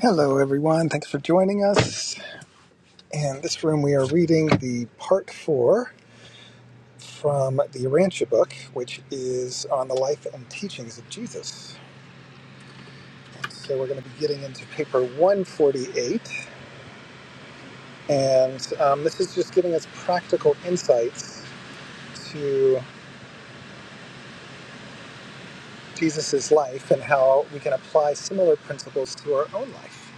Hello, everyone. Thanks for joining us. In this room, we are reading the part four from the Arantia book, which is on the life and teachings of Jesus. So, we're going to be getting into paper 148, and um, this is just giving us practical insights to Jesus's life and how we can apply similar principles to our own life.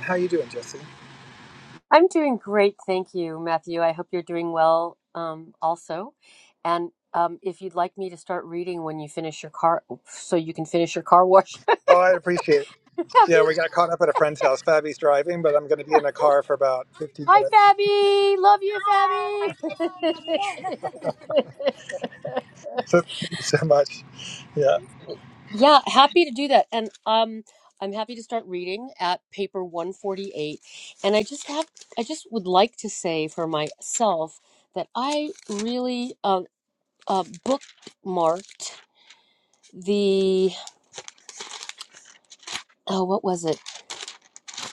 How you doing, Jesse? I'm doing great, thank you, Matthew. I hope you're doing well um, also. And um, if you'd like me to start reading when you finish your car, so you can finish your car wash. Fabi- Oh, I'd appreciate it. Yeah, we got caught up at a friend's house. Fabby's driving, but I'm going to be in the car for about 15 Hi, minutes. Fabby. Love you, Fabby. so, so much. Yeah. yeah, happy to do that. And um, I'm happy to start reading at paper 148. And I just have, I just would like to say for myself that I really uh, uh, bookmarked. the oh what was it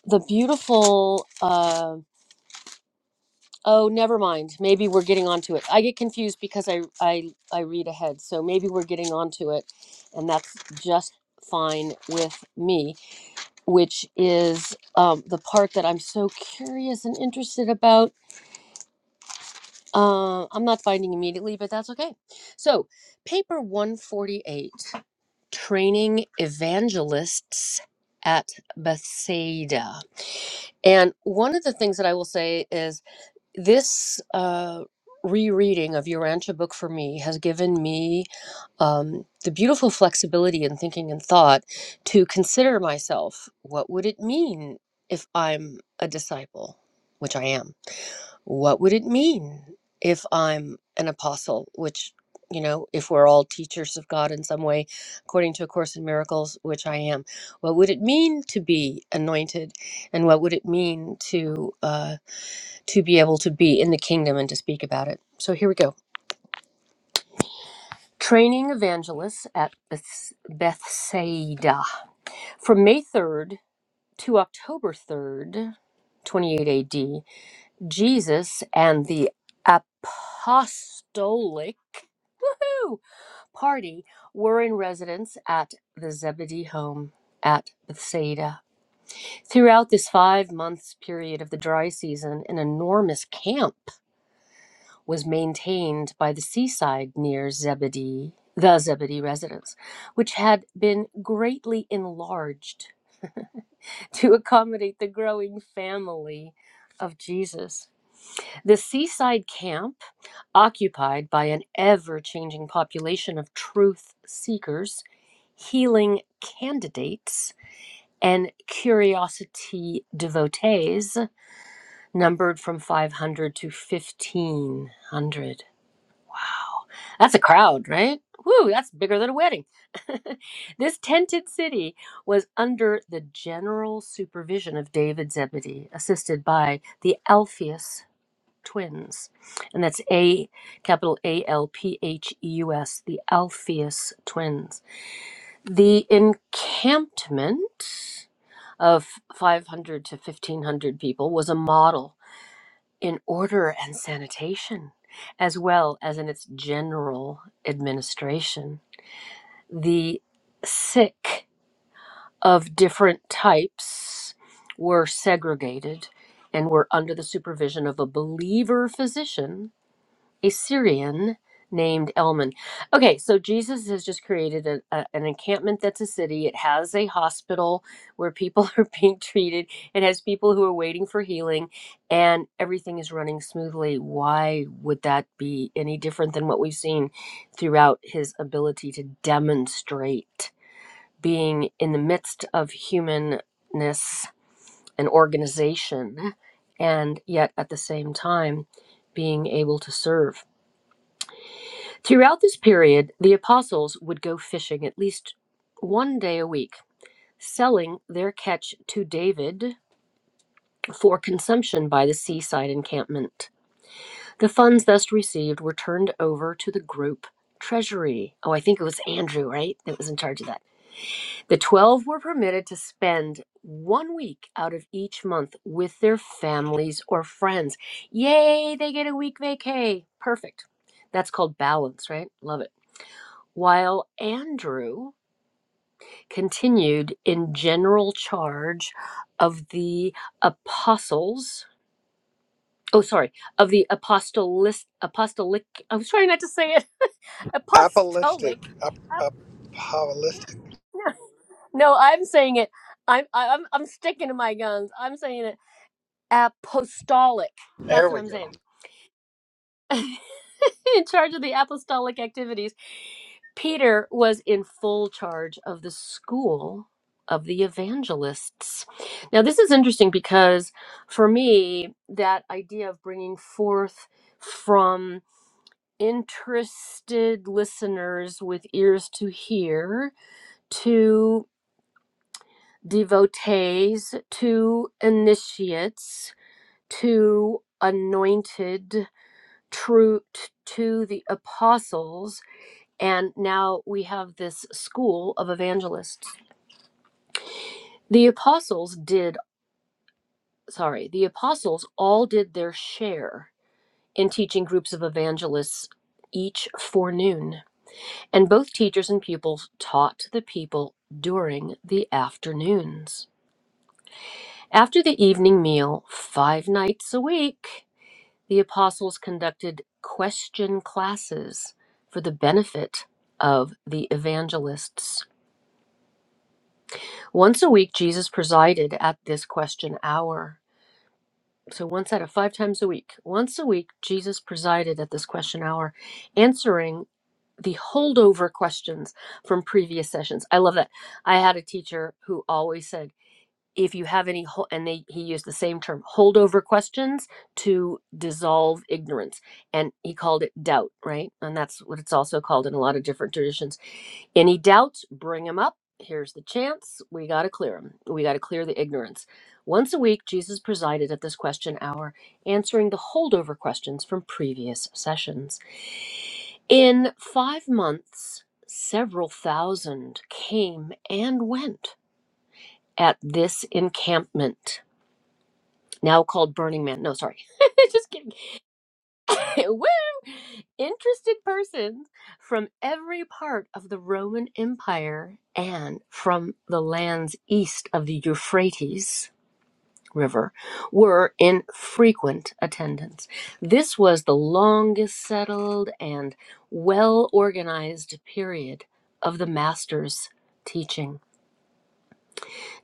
the beautiful uh oh never mind maybe we're getting onto it i get confused because i i i read ahead so maybe we're getting onto it and that's just fine with me which is um the part that i'm so curious and interested about uh, i'm not finding immediately but that's okay so paper 148 training evangelists at Bethsaida. And one of the things that I will say is this uh, rereading of your Urantia book for me has given me um, the beautiful flexibility in thinking and thought to consider myself what would it mean if I'm a disciple, which I am? what would it mean if I'm an apostle, which, you know, if we're all teachers of God in some way, according to A Course in Miracles, which I am, what would it mean to be anointed? And what would it mean to, uh, to be able to be in the kingdom and to speak about it? So here we go. Training evangelists at Beth- Bethsaida. From May 3rd to October 3rd, 28 AD, Jesus and the apostolic whew, party were in residence at the Zebedee home at Bethsaida. Throughout this five months period of the dry season, an enormous camp was maintained by the seaside near Zebedee, the Zebedee residence, which had been greatly enlarged to accommodate the growing family of Jesus. The seaside camp occupied by an ever changing population of truth seekers, healing candidates, and curiosity devotees, numbered from 500 to 1500. That's a crowd, right? Woo, that's bigger than a wedding. this tented city was under the general supervision of David Zebedee, assisted by the Alpheus twins, and that's A capital A L P H E U S, the Alpheus twins. The encampment of 500 to 1500 people was a model in order and sanitation, as well as in its general administration. The sick of different types were segregated and were under the supervision of a believer physician a Syrian named Elman. Okay, so Jesus has just created a, a- an encampment that's a city. It has a hospital where people are being treated, it has people who are waiting for healing, and everything is running smoothly. Why would that be any different than what we've seen throughout his ability to demonstrate being in the midst of humanness and organization, and yet at the same time being able to serve? Throughout this period, the apostles would go fishing at least one day a week, selling their catch to David for consumption by the seaside encampment. The funds thus received were turned over to the group treasury. Oh, I think it was Andrew, right? That was in charge of that. The 12 were permitted to spend one week out of each month with their families or friends. Yay, they get a week vacay. Perfect. That's called balance, right? Love it. while Andrew continued in general charge of the apostles. Oh, sorry, of the apostolis, apostolic. I was trying not to say it. Apollistic. Apostolic. Ap- apollistic. uh, No, I'm saying it. I'm I'm I'm sticking to my guns. I'm saying it. Apostolic. That's There what we I'm go. saying in charge of the apostolic activities. Peter was in full charge of the school of the evangelists. Now, this is interesting because for me, that idea of bringing forth from interested listeners with ears to hear to devotees, to initiates, to anointed true t- to the apostles and now we have this school of evangelists the apostles did sorry the apostles all did their share in teaching groups of evangelists each forenoon and both teachers and pupils taught the people during the afternoons after the evening meal five nights a week The apostles conducted question classes for the benefit of the evangelists. Once a week, Jesus presided at this question hour. So, once out of five times a week, once a week, Jesus presided at this question hour, answering the holdover questions from previous sessions. I love that. I had a teacher who always said, if you have any ho- and they he used the same term holdover questions to dissolve ignorance and he called it doubt right and that's what it's also called in a lot of different traditions any doubts bring them up here's the chance we got to clear them we got to clear the ignorance once a week jesus presided at this question hour answering the holdover questions from previous sessions in 5 months several thousand came and went at this encampment, now called Burning Man. No, sorry. Just kidding. Woo! Interested persons from every part of the Roman Empire and from the lands east of the Euphrates River were in frequent attendance. This was the longest settled and well organized period of the master's teaching.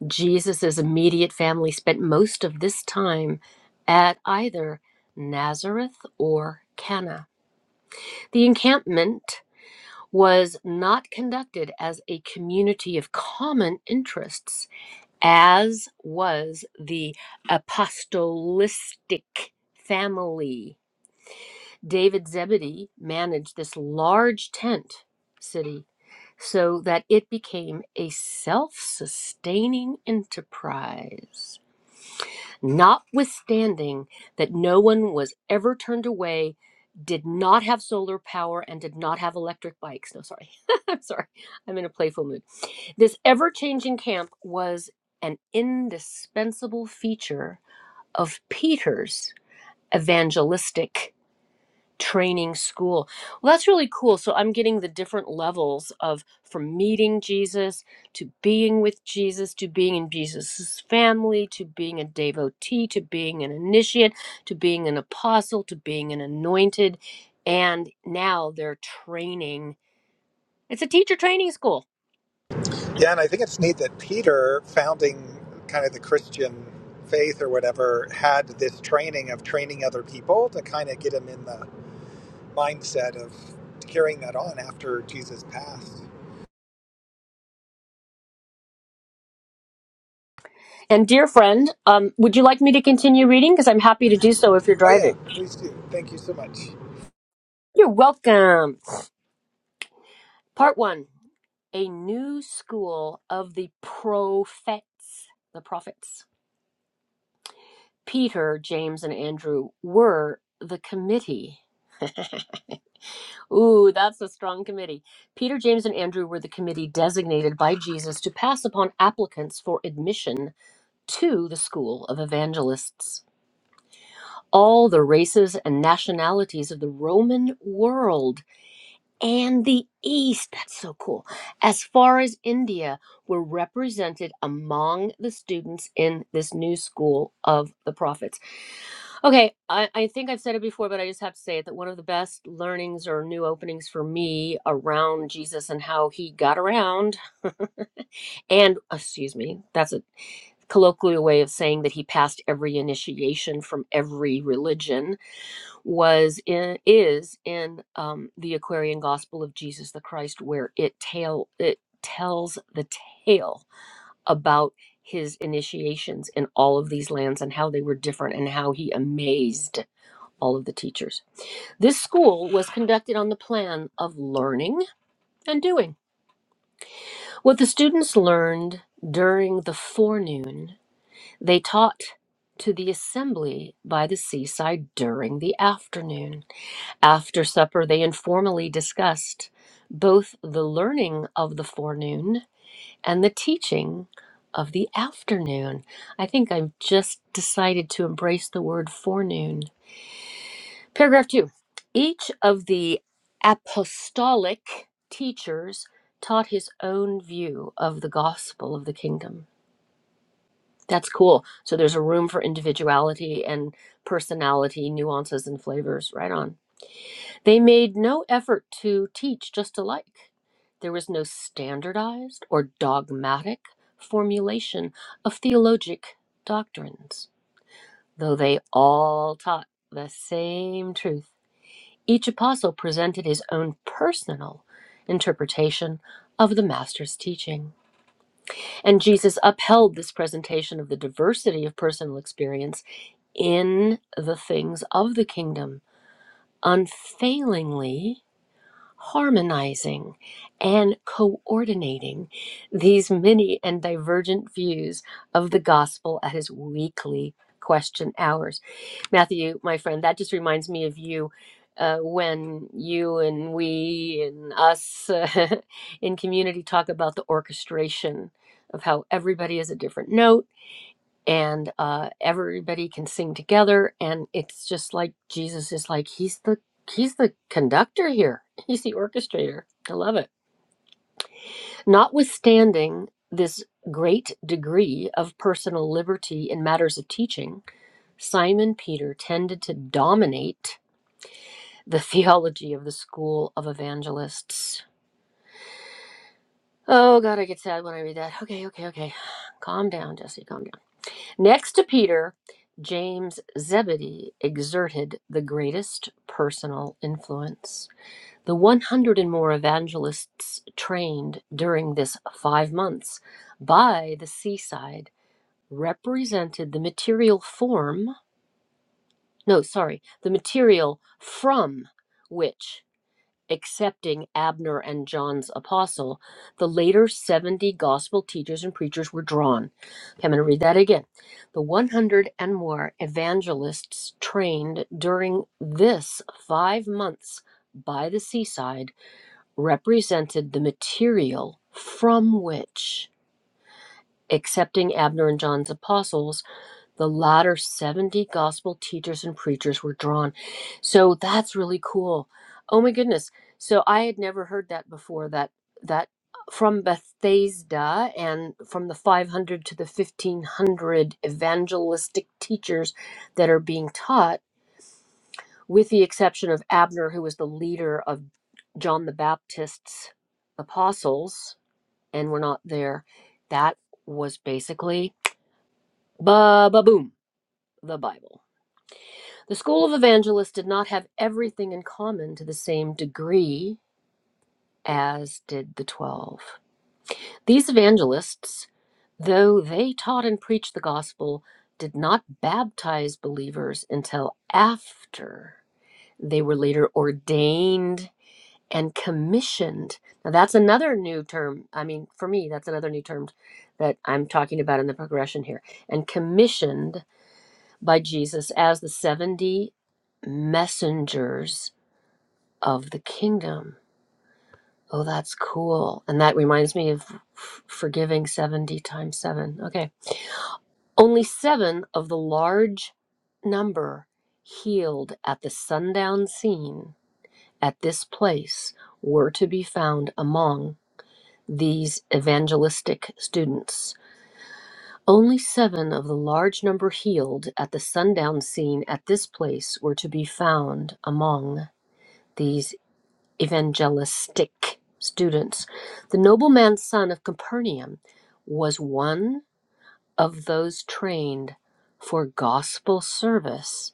Jesus' immediate family spent most of this time at either Nazareth or Cana. The encampment was not conducted as a community of common interests, as was the apostolistic family. David Zebedee managed this large tent city so that it became a self sustaining enterprise. notwithstanding that no one was ever turned away, did not have solar power, and did not have electric bikes. No, sorry. I'm sorry. I'm in a playful mood. This ever changing camp was an indispensable feature of Peter's evangelistic training school. Well, that's really cool. So I'm getting the different levels of from meeting Jesus to being with Jesus to being in Jesus's family to being a devotee to being an initiate to being an apostle to being an anointed. And now they're training. It's a teacher training school. Yeah, and I think it's neat that Peter, founding kind of the Christian faith or whatever, had this training of training other people to kind of get him in the mindset of carrying that on after Jesus passed. And dear friend, um, would you like me to continue reading? Because I'm happy to do so if you're Oh, driving. yeah, please do. Thank you so much. You're welcome. Part one. a new school of the prophets. The prophets. Peter, James, and Andrew were the committee. Ooh, that's a strong committee. Peter, James, and Andrew were the committee designated by Jesus to pass upon applicants for admission to the school of evangelists. All the races and nationalities of the Roman world and the East. That's so cool. As far as India were represented among the students in this new school of the prophets. Okay, I, I think I've said it before, but I just have to say it that one of the best learnings or new openings for me around Jesus and how he got around, and excuse me, that's a colloquial way of saying that he passed every initiation from every religion was in is in um, the Aquarian Gospel of Jesus the Christ, where it tell it tells the tale about his initiations in all of these lands and how they were different and how he amazed all of the teachers. This school was conducted on the plan of learning and doing. What the students learned during the forenoon, they taught to the assembly by the seaside during the afternoon. After supper, they informally discussed both the learning of the forenoon and the teaching of the afternoon. I think I've just decided to embrace the word forenoon. Paragraph two Each of the apostolic teachers taught his own view of the gospel of the kingdom. That's cool. So there's a room for individuality and personality, nuances, and flavors. Right on. They made no effort to teach just alike. There was no standardized or dogmatic formulation of theologic doctrines, though they all taught the same truth. Each apostle presented his own personal interpretation of the Master's teaching. And Jesus upheld this presentation of the diversity of personal experience in the things of the kingdom unfailingly harmonizing and coordinating these many and divergent views of the gospel at his weekly question hours. Matthew, my friend, that just reminds me of you. Uh, when you and we and us uh, in community talk about the orchestration of how everybody is a different note and uh, everybody can sing together and it's just like jesus is like he's the he's the conductor here he's the orchestrator i love it notwithstanding this great degree of personal liberty in matters of teaching simon peter tended to dominate the theology of the school of evangelists oh god i get sad when i read that okay okay okay calm down jesse calm down Next to Peter, James Zebedee exerted the greatest personal influence. The 100 and more evangelists trained during this five months by the seaside represented the material form, no, sorry, the material from which accepting Abner and John's apostle, the later 70 gospel teachers and preachers were drawn. Okay, I'm going to read that again. The 100 and more evangelists trained during this five months by the seaside represented the material from which accepting Abner and John's apostles the latter 70 gospel teachers and preachers were drawn. So that's really cool. Oh my goodness. So I had never heard that before that that uh, from Bethesda and from the 500 to the 1500 evangelistic teachers that are being taught with the exception of Abner who was the leader of John the Baptist's apostles and we're not there. That was basically ba ba boom the Bible. The school of evangelists did not have everything in common to the same degree as did the twelve. These evangelists, though they taught and preached the gospel, did not baptize believers until after they were later ordained and commissioned. Now, that's another new term. I mean, for me, that's another new term that I'm talking about in the progression here. And commissioned by Jesus as the 70 messengers of the kingdom. Oh, that's cool. And that reminds me of f- forgiving 70 times 7. Okay. Only seven of the large number healed at the sundown scene at this place were to be found among these evangelistic students. Only seven of the large number healed at the sundown scene at this place were to be found among these evangelistic students. The nobleman's son of Capernaum was one of those trained for gospel service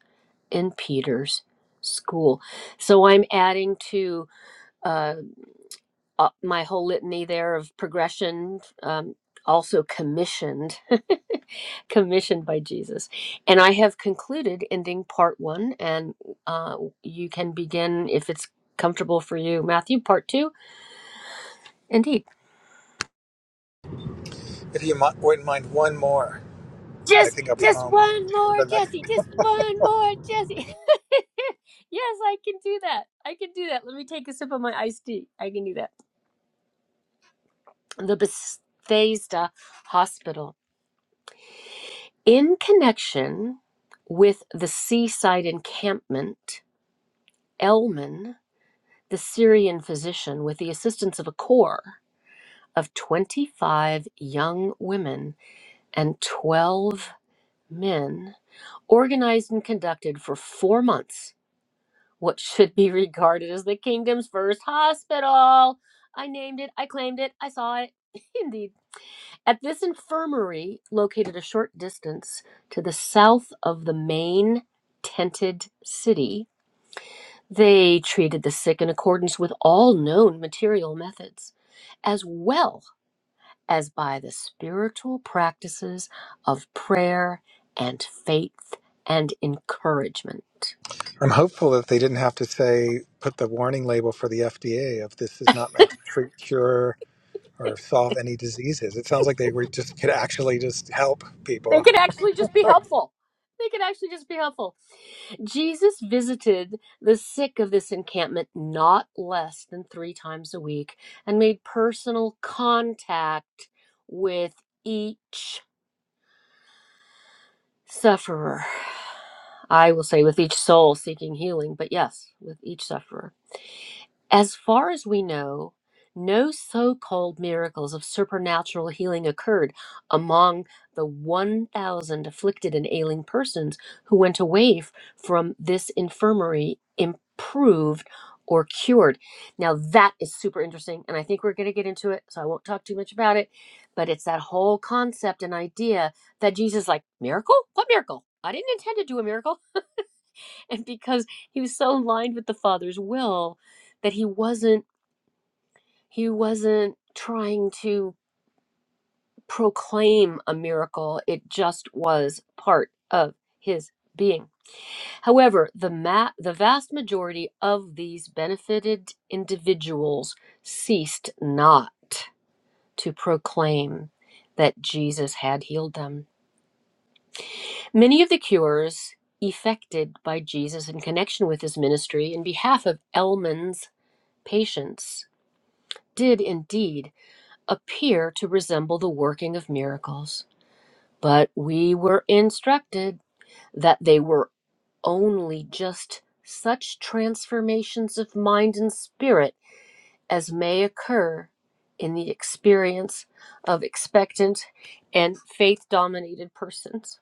in Peter's school. So I'm adding to uh, uh, my whole litany there of progression, um, also commissioned, commissioned by Jesus. And I have concluded ending part one, and uh, you can begin if it's comfortable for you, Matthew, part two, indeed. If you mi- wouldn't mind one more, I Just think I'll be just home one for more, the next. Jesse. Just one more, Jesse. yes, I can do that. I can do that. Let me take a sip of my iced tea. I can do that. The Bethesda Hospital. In connection with the seaside encampment, Elman, the Syrian physician, with the assistance of a corps of 25 young women and 12 men, organized and conducted for four months what should be regarded as the kingdom's first hospital. I named it, I claimed it, I saw it. Indeed. At this infirmary, located a short distance to the south of the main tented city, they treated the sick in accordance with all known material methods, as well as by the spiritual practices of prayer and faith and encouragement. I'm hopeful that they didn't have to say put the warning label for the FDA of this is not meant to treat, cure, or solve any diseases. It sounds like they were just could actually just help they people. can actually just be helpful. They can actually just be helpful. Jesus visited the sick of this encampment not less than three times a week and made personal contact with each sufferer. I will say with each soul seeking healing, but yes, with each sufferer. As far as we know, no so called miracles of supernatural healing occurred among the 1,000 afflicted and ailing persons who went away f- from this infirmary improved or cured. Now, that is super interesting, and I think we're going to get into it, so I won't talk too much about it. But it's that whole concept and idea that Jesus, is like, miracle? What miracle? I didn't intend to do a miracle. And because he was so aligned with the Father's will, that he wasn't he wasn't trying to proclaim a miracle, it just was part of his being. However, the, ma- the vast majority of these benefited individuals ceased not to proclaim that Jesus had healed them. Many of the cures effected by Jesus in connection with his ministry in behalf of Elman's patients did indeed appear to resemble the working of miracles. But we were instructed that they were only just such transformations of mind and spirit as may occur in the experience of expectant and faith dominated persons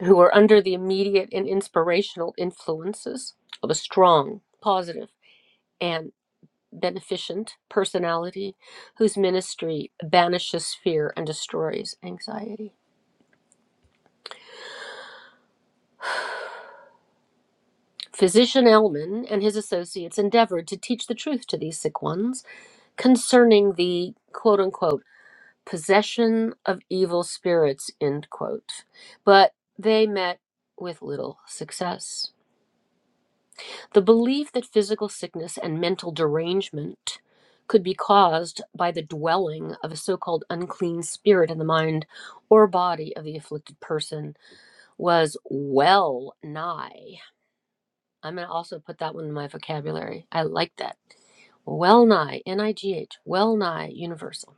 who are under the immediate and inspirational influences of a strong, positive, and beneficent personality whose ministry banishes fear and destroys anxiety. Physician Ellman and his associates endeavored to teach the truth to these sick ones concerning the quote unquote possession of evil spirits, end quote. But they met with little success. The belief that physical sickness and mental derangement could be caused by the dwelling of a so called unclean spirit in the mind or body of the afflicted person was well nigh. I'm going to also put that one in my vocabulary. I like that well nigh, N I G H, well nigh universal,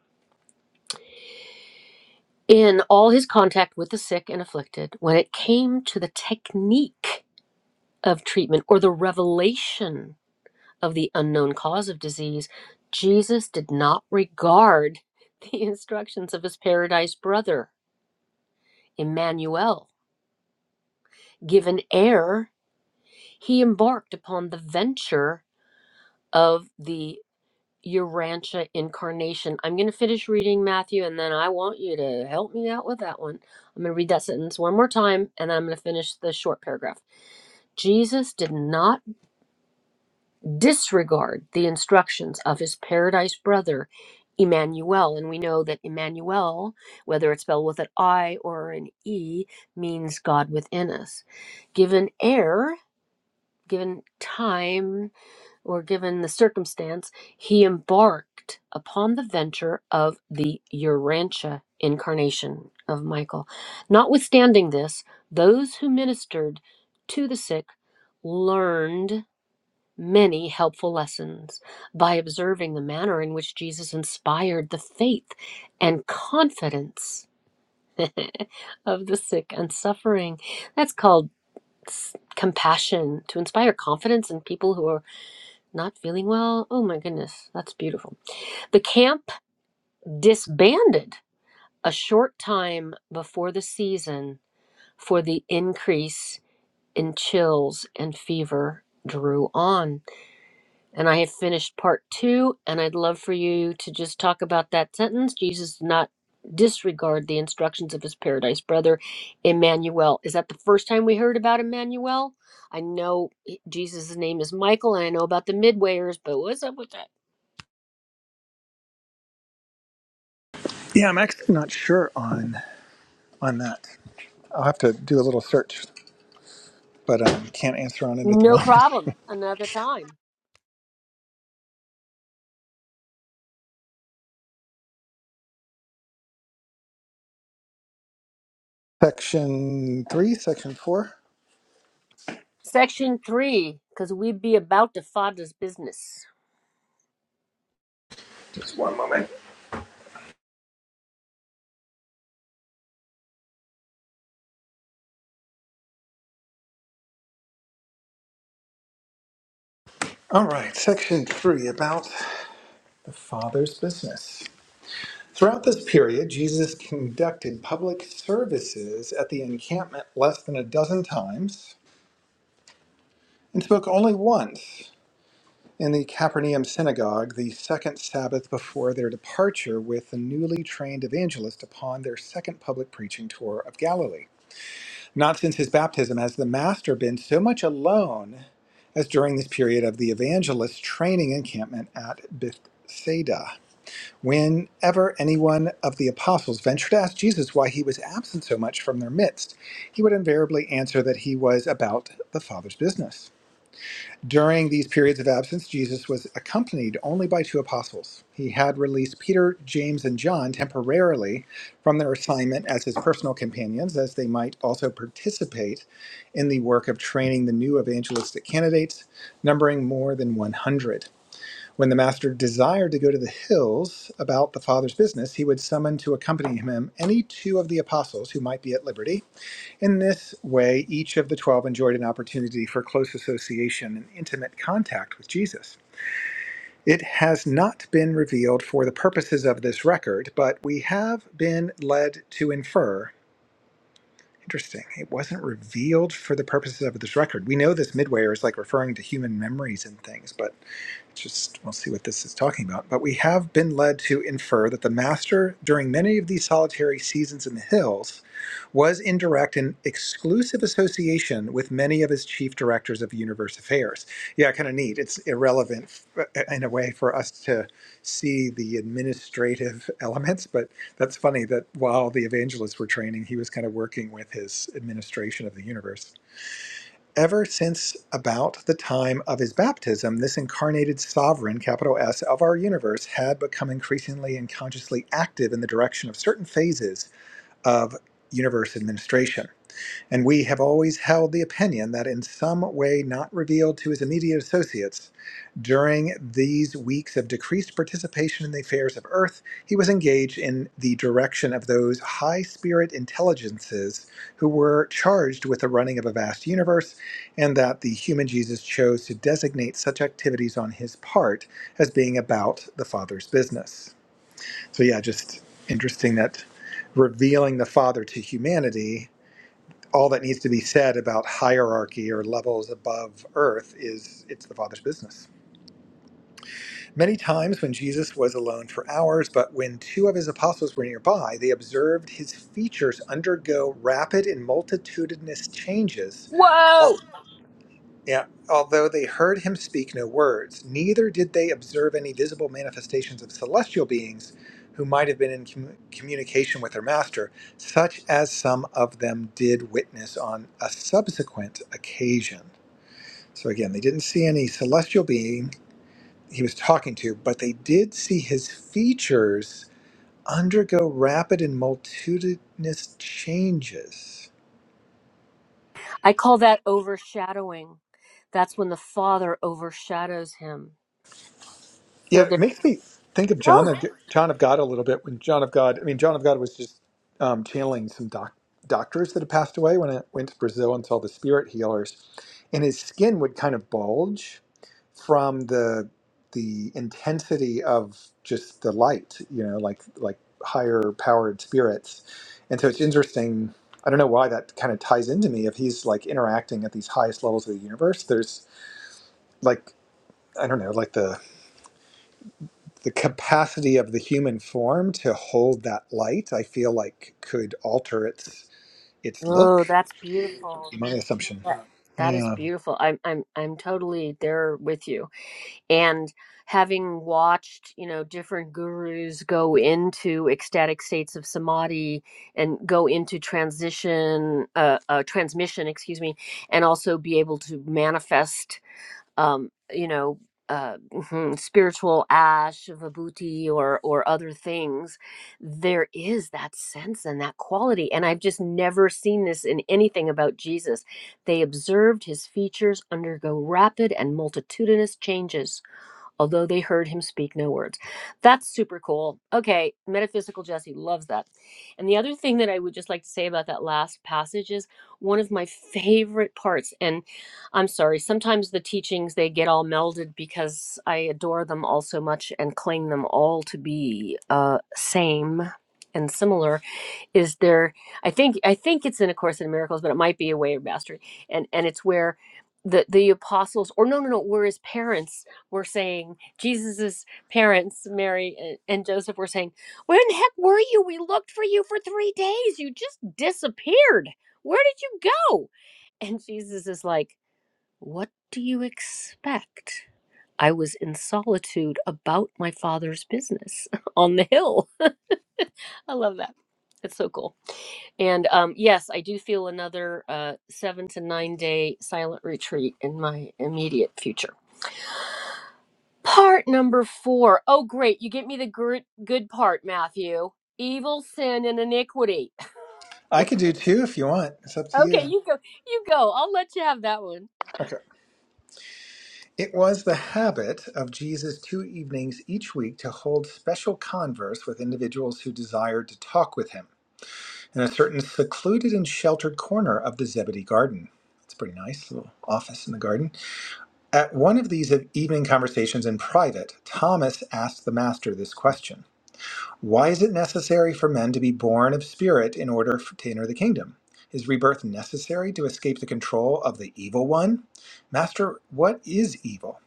in all his contact with the sick and afflicted when it came to the technique of treatment or the revelation of the unknown cause of disease, Jesus did not regard the instructions of his paradise brother, Emmanuel. Given air, he embarked upon the venture of the your rancha incarnation. I'm going to finish reading Matthew and then I want you to help me out with that one. I'm going to read that sentence one more time and then I'm going to finish the short paragraph. Jesus did not disregard the instructions of his paradise brother, Emmanuel. And we know that Emmanuel, whether it's spelled with an I or an E, means God within us. Given air, given time, or given the circumstance, he embarked upon the venture of the Urantia incarnation of Michael. Notwithstanding this, those who ministered to the sick learned many helpful lessons by observing the manner in which Jesus inspired the faith and confidence of the sick and suffering. That's called s- compassion, to inspire confidence in people who are not feeling well? Oh my goodness, that's beautiful. The camp disbanded a short time before the season for the increase in chills and fever drew on. And I have finished part two, and I'd love for you to just talk about that sentence. Jesus did not disregard the instructions of his paradise brother, Emmanuel. Is that the first time we heard about Emmanuel? I know Jesus' name is Michael, and I know about the Midwayers, but what's up with that? Yeah, I'm actually not sure on on that. I'll have to do a little search, but um, can't answer on it at the No moment. problem. Another time. Section three, section four. Section three, because we'd be about to father's business. Just one moment. All right, section three about the father's business. Throughout this period, Jesus conducted public services at the encampment less than a dozen times and spoke only once in the Capernaum synagogue the second Sabbath before their departure with the newly trained evangelist upon their second public preaching tour of Galilee. Not since his baptism has the Master been so much alone as during this period of the evangelist's training encampment at Bethsaida. Whenever any one of the apostles ventured to ask Jesus why he was absent so much from their midst, he would invariably answer that he was about the Father's business. During these periods of absence, Jesus was accompanied only by two apostles. He had released Peter, James, and John temporarily from their assignment as his personal companions, as they might also participate in the work of training the new evangelistic candidates, numbering more than 100. When the master desired to go to the hills about the Father's business, he would summon to accompany him any two of the apostles who might be at liberty. In this way, each of the twelve enjoyed an opportunity for close association and intimate contact with Jesus. It has not been revealed for the purposes of this record, but we have been led to infer. Interesting. It wasn't revealed for the purposes of this record. We know this midway is like referring to human memories and things, but just we'll see what this is talking about. But we have been led to infer that the master, during many of these solitary seasons in the hills, was in direct and exclusive association with many of his chief directors of universe affairs. Yeah, kind of neat. It's irrelevant uh, in a way for us to see the administrative elements, but that's funny that while the evangelists were training, he was kind of working with his administration of the universe. Ever since about the time of his baptism, this incarnated sovereign, capital S, of our universe had become increasingly and consciously active in the direction of certain phases of universe administration. And we have always held the opinion that in some way not revealed to his immediate associates, during these weeks of decreased participation in the affairs of Earth, he was engaged in the direction of those high spirit intelligences who were charged with the running of a vast universe, and that the human Jesus chose to designate such activities on his part as being about the Father's business. So, yeah, just interesting that revealing the Father to humanity all that needs to be said about hierarchy or levels above earth is it's the Father's business. Many times when Jesus was alone for hours, but when two of his apostles were nearby, they observed his features undergo rapid and multitudinous changes. While Whoa! yeah. Although they heard him speak no words, neither did they observe any visible manifestations of celestial beings who might have been in commu- communication with their master, such as some of them did witness on a subsequent occasion. So again, they didn't see any celestial being he was talking to, but they did see his features undergo rapid and multitudinous changes. I call that overshadowing. That's when the father overshadows him. Yeah, So it there. makes me think of John, Oh, the John of God, a little bit. When John of God, I mean, John of God was just um, channeling some doc, doctors that had passed away when I went to Brazil and saw the spirit healers, and his skin would kind of bulge from the the intensity of just the light, you know, like like higher powered spirits, and so it's interesting. I don't know why that kind of ties into me. If he's like interacting at these highest levels of the universe, there's like I don't know, like the the capacity of the human form to hold that light, I feel like could alter its its look. oh that's beautiful. My assumption. That, that is Yeah. beautiful. I'm I'm I'm totally there with you. and having watched you know different gurus go into ecstatic states of samadhi and go into transition uh, uh transmission excuse me and also be able to manifest um you know uh, mhm, spiritual ash, vibhuti, or or other things, there is that sense and that quality, and I've just never seen this in anything about Jesus. They observed his features undergo rapid and multitudinous changes although they heard him speak no words. That's super cool. Okay, metaphysical Jesse loves that. And the other thing that I would just like to say about that last passage is one of my favorite parts. And I'm sorry, sometimes the teachings they get all melded because I adore them all so much and claim them all to be uh, same and similar is there i think i think it's in a course in miracles but it might be a way of mastery and and it's where the the apostles or no no no where his parents were saying jesus's parents mary and, and joseph were saying where in the heck were you we looked for you for three days you just disappeared where did you go and jesus is like what do you expect i was in solitude about my father's business on the hill i love that it's so cool and um, yes, I do feel another uh, seven to nine day silent retreat in my immediate future. Part number four. Oh, great. You get me the good, good part, Matthew. Evil, sin, and iniquity. I could do two if you want. It's up to Okay, you. you go. You go. I'll let you have that one. Okay. It was the habit of Jesus two evenings each week to hold special converse with individuals who desired to talk with him in a certain secluded and sheltered corner of the Zebedee garden. It's pretty nice little office in the garden. At one of these evening conversations in private, Thomas asked the master this question. Why is it necessary for men to be born of spirit in order f- to enter the kingdom? Is rebirth necessary to escape the control of the evil one? Master, what is evil?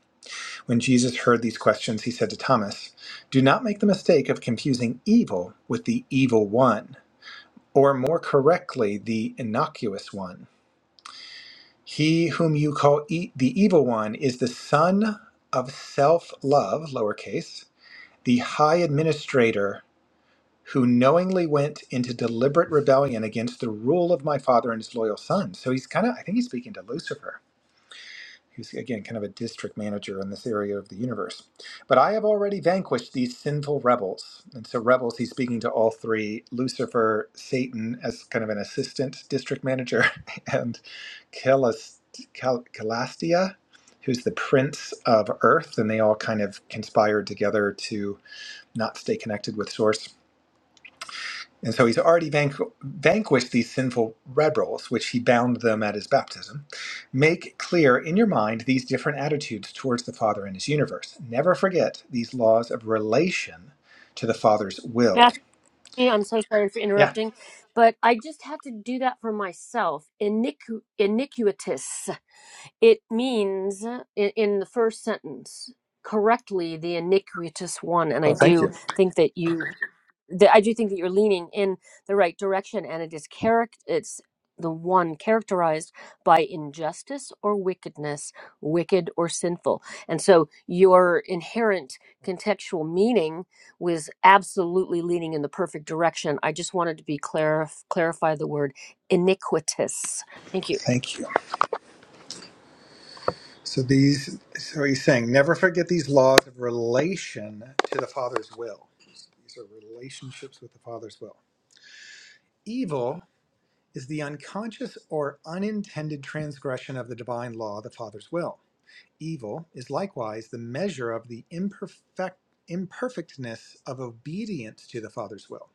When Jesus heard these questions, he said to Thomas, Do not make the mistake of confusing evil with the evil one, or more correctly, the innocuous one. He whom you call e- the evil one is the son of self love, lowercase, the high administrator who knowingly went into deliberate rebellion against the rule of my father and his loyal son. So he's kind of, I think he's speaking to Lucifer, who's again kind of a district manager in this area of the universe. But I have already vanquished these sinful rebels. And so, rebels, he's speaking to all three Lucifer, Satan, as kind of an assistant district manager, and Calist- Cal- Calastia. Who's the prince of Earth, and they all kind of conspired together to not stay connected with Source. And so he's already vanqu- vanquished these sinful rebels, which he bound them at his baptism. Make clear in your mind these different attitudes towards the Father and his universe. Never forget these laws of relation to the Father's will. Matthew, I'm so sorry for Yeah. interrupting, but I just had to do that for myself. Iniqu- iniquitous. It means uh, in, in the first sentence correctly the iniquitous one, and I Well, thank do you. think that you that I do think that you're leaning in the right direction, and it is character. It's the one characterized by injustice or wickedness, wicked or sinful, and so your inherent contextual meaning was absolutely leaning in the perfect direction. I just wanted to be clarif- clarify the word iniquitous. Thank you. Thank you. So these, so he's saying, never forget these laws of relation to the Father's will. These are relationships with the Father's will. Evil is the unconscious or unintended transgression of the divine law, the Father's will. Evil is likewise the measure of the imperfect, imperfectness of obedience to the Father's will.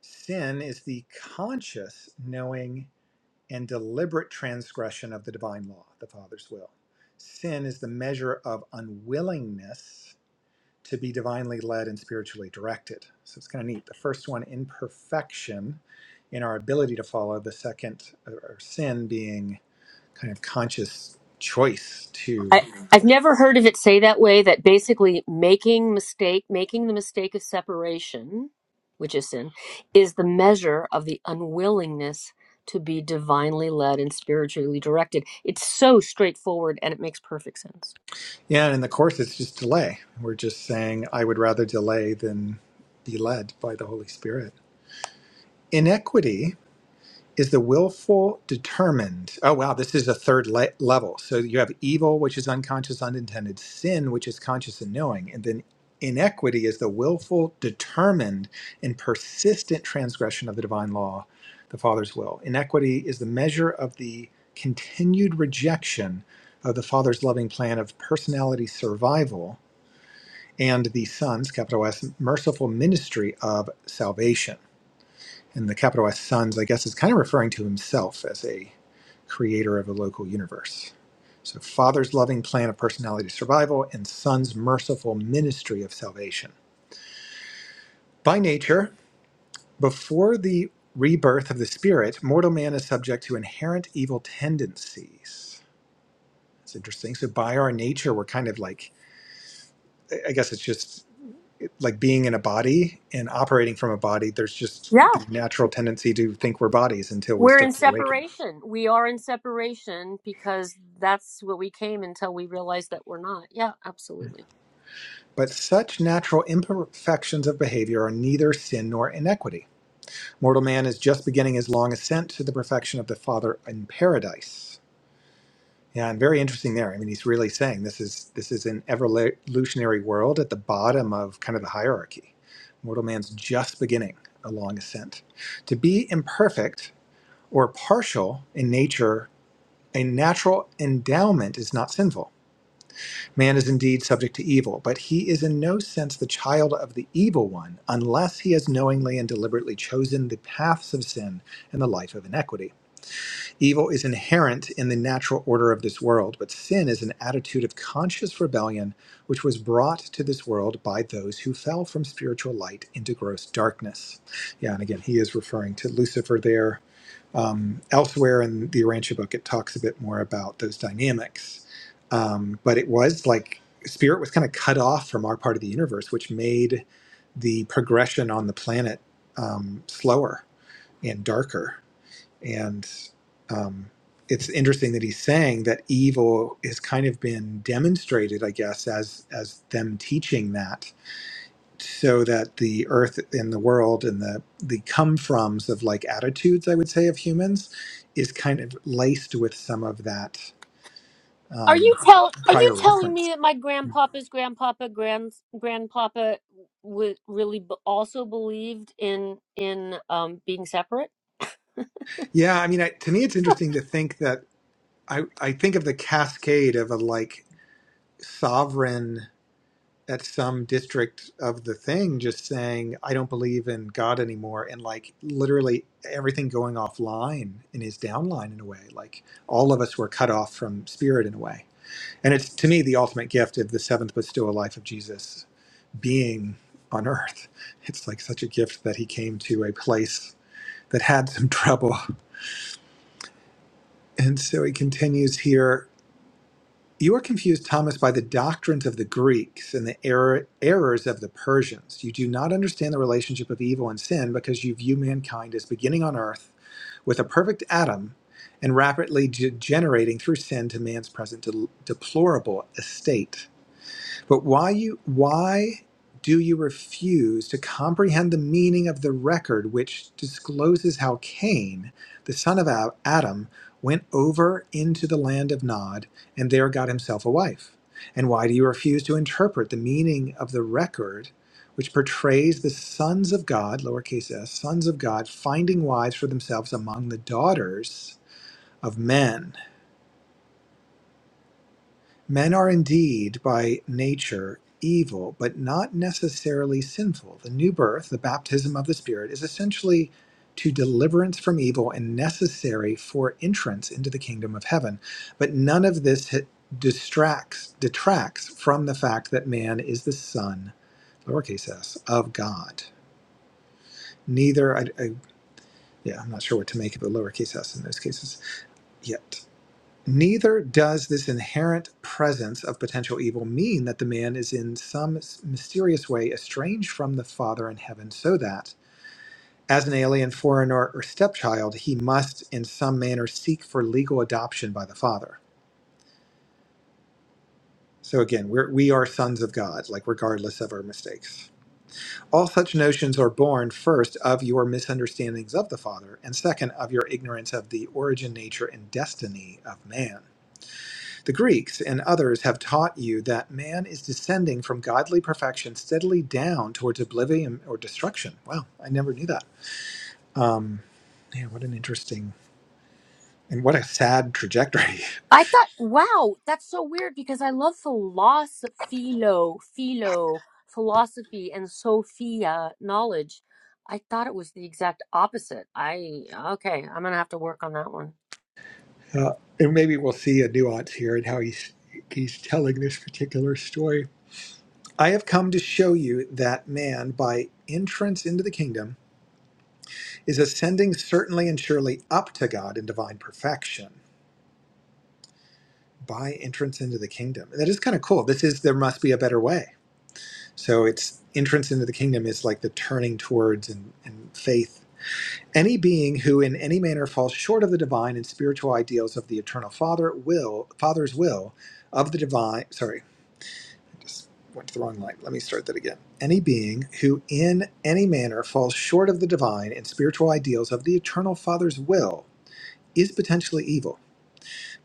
Sin is the conscious knowing and deliberate transgression of the divine law, the Father's will. Sin is the measure of unwillingness to be divinely led and spiritually directed. So it's kind of neat. The first one, imperfection in our ability to follow, the second, or sin being kind of conscious choice to I, I've never heard of it say that way that basically making mistake making the mistake of separation, which is sin, is the measure of the unwillingness to be divinely led and spiritually directed. It's so straightforward and it makes perfect sense. Yeah, and in the course, it's just delay. We're just saying, I would rather delay than be led by the Holy Spirit. Inequity is the willful, determined. Oh, wow, this is a third le- level. So you have evil, which is unconscious, unintended, sin, which is conscious and knowing. And then inequity is the willful, determined, and persistent transgression of the divine law, the Father's will. Inequity is the measure of the continued rejection of the Father's loving plan of personality survival and the Son's, capital S, merciful ministry of salvation. And the capital S Sons, I guess, is kind of referring to himself as a creator of a local universe. So, Father's loving plan of personality survival and Son's merciful ministry of salvation. By nature, before the rebirth of the Spirit, mortal man is subject to inherent evil tendencies. It's interesting. So, by our nature, we're kind of like, I I guess it's just like being in a body and operating from a body, there's just Yeah, the natural tendency to think we're bodies until we we're in start to awaken. separation. We are in separation because that's what we came until we realized that we're not. Yeah, absolutely. But such natural imperfections of behavior are neither sin nor inequity. Mortal man is just beginning his long ascent to the perfection of the Father in paradise. Yeah, and very interesting there. I mean, he's really saying this is this is an evolutionary world at the bottom of kind of the hierarchy. Mortal man's just beginning a long ascent. To be imperfect or partial in nature A natural endowment is not sinful. Man is indeed subject to evil, but he is in no sense the child of the evil one unless he has knowingly and deliberately chosen the paths of sin and the life of inequity. Evil is inherent in the natural order of this world, but sin is an attitude of conscious rebellion which was brought to this world by those who fell from spiritual light into gross darkness. Yeah, and again, he is referring to Lucifer there um, elsewhere in the Urantia book, it talks a bit more about those dynamics. Um, but it was like spirit was kind of cut off from our part of the universe, which made the progression on the planet um, slower and darker. And um, it's interesting that he's saying that evil has kind of been demonstrated, I guess, as as them teaching that so that the earth and the world and the the come froms of like attitudes i would say of humans is kind of laced with some of that Are you um, tell Are you prior telling me reference that my grandpapa's grandpapa grand grandpapa would really b- also believed in in um being separate? yeah i mean I, to me it's interesting to think that i i think of the cascade of a like sovereign at some district of the thing just saying i don't believe in god anymore and like literally everything going offline in his downline in a way like all of us were cut off from spirit in a way And it's to me the ultimate gift of the seventh bestowal life of Jesus being on earth. It's like such a gift that he came to a place that had some trouble. And so he continues here You are confused, Thomas, by the doctrines of the Greeks and the error, errors of the Persians. You do not understand the relationship of evil and sin because you view mankind as beginning on earth with a perfect Adam and rapidly degenerating through sin to man's present de- deplorable estate. But why you why do you refuse to comprehend the meaning of the record which discloses how Cain, the son of Ab- Adam, went over into the land of Nod and there got himself a wife? And why do you refuse to interpret the meaning of the record which portrays the sons of God, lowercase s, sons of God, finding wives for themselves among the daughters of men? Men are indeed by nature evil, but not necessarily sinful. The new birth, the baptism of the Spirit, is essentially to deliverance from evil and necessary for entrance into the kingdom of heaven. But none of this hi- distracts, detracts from the fact that man is the son, lowercase s, of God. Neither, I, I, yeah, I'm not sure what to make of the lowercase s in those cases yet. Neither does this inherent presence of potential evil mean that the man is in some mysterious way estranged from the Father in heaven, so that, as an alien, foreigner, or stepchild, he must in some manner seek for legal adoption by the Father. So again, we're, we are sons of God, like regardless of our mistakes. All such notions are born first of your misunderstandings of the Father, and second of your ignorance of the origin, nature, and destiny of man. The Greeks and others have taught you that man is descending from godly perfection steadily down towards oblivion or destruction. Wow, I never knew that. Um, man, what an interesting and what a sad trajectory. I thought, wow, that's so weird because I love philosophy, philo, philo, philosophy, and Sophia knowledge. I thought it was the exact opposite. I okay, I'm gonna have to work on that one. Uh, and maybe we'll see a nuance here in how he's he's telling this particular story. I have come to show you that man, by entrance into the kingdom, is ascending certainly and surely up to God in divine perfection. By entrance into the kingdom, that is kind of cool. This is there must be a better way So its entrance into the kingdom is like the turning towards and, and faith. Any being who in any manner falls short of the divine and spiritual ideals of the eternal Father will Father's will of the divine sorry, I just went to the wrong line. Let me start that again. Any being who in any manner falls short of the divine and spiritual ideals of the eternal Father's will is potentially evil.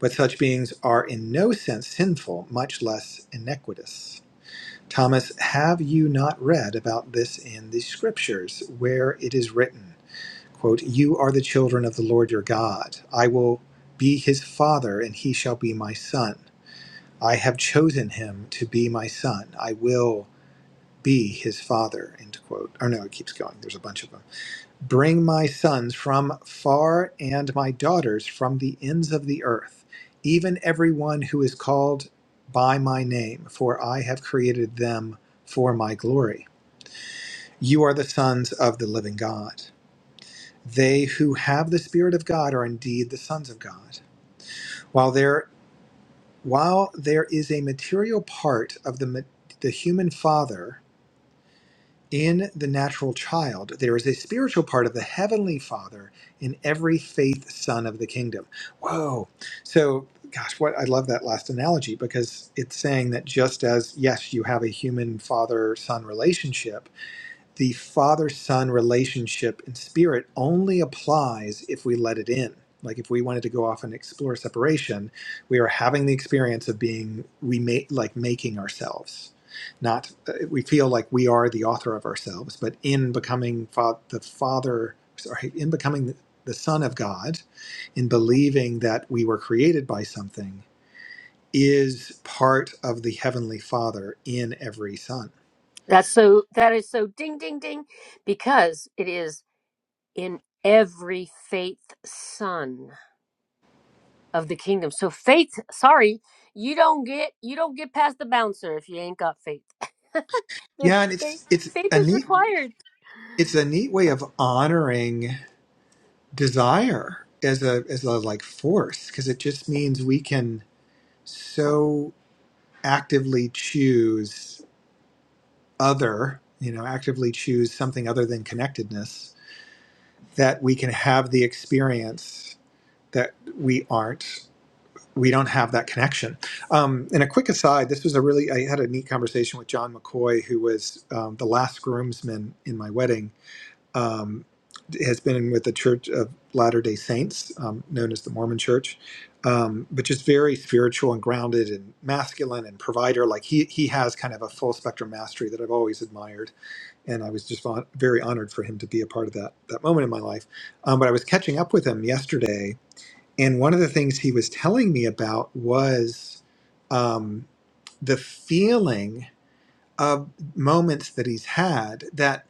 But such beings are in no sense sinful, much less iniquitous. Thomas, have you not read about this in the scriptures, where it is written, quote, You are the children of the Lord your God. I will be his father, and he shall be my son. I have chosen him to be my son. I will be his father, end quote. Or no, it keeps going. There's a bunch of them. Bring my sons from far and my daughters from the ends of the earth, even everyone who is called by my name, for I have created them for my glory. You are the sons of the living God. They who have the Spirit of God are indeed the sons of God. While there, while there is a material part of the, ma- the human father in the natural child, there is a spiritual part of the heavenly father in every faith son of the kingdom. Whoa. So, gosh, what I love that last analogy because it's saying that just as, yes, you have a human father son relationship the father son relationship in spirit only applies if we let it in. Like if we wanted to go off and explore separation, we are having the experience of being we make like making ourselves. Not uh, we feel like we are the author of ourselves, but in becoming fa- the father, sorry, in becoming the son of God, in believing that we were created by something is part of the heavenly father in every son That's so. That is so. Ding, ding, ding, because it is in every faith son. of the kingdom. So faith, sorry, you don't get you don't get past the bouncer if you ain't got faith. There- yeah and faith, it's it's faith a is neat required. it's a neat way of honoring desire as a as a like force because it just means we can so actively choose other you know actively choose something other than connectedness that we can have the experience that we aren't we don't have that connection um, and a quick aside this was a really i had a neat conversation with john mccoy who was um, the last groomsman in my wedding um, has been with the Church of Latter Day Saints, um, known as the Mormon Church, um, but just very spiritual and grounded and masculine and provider. Like he he has kind of a full spectrum mastery that I've always admired, and I was just on, very honored for him to be a part of that that moment in my life. Um, but I was catching up with him yesterday, and one of the things he was telling me about was um, the feeling of moments that he's had that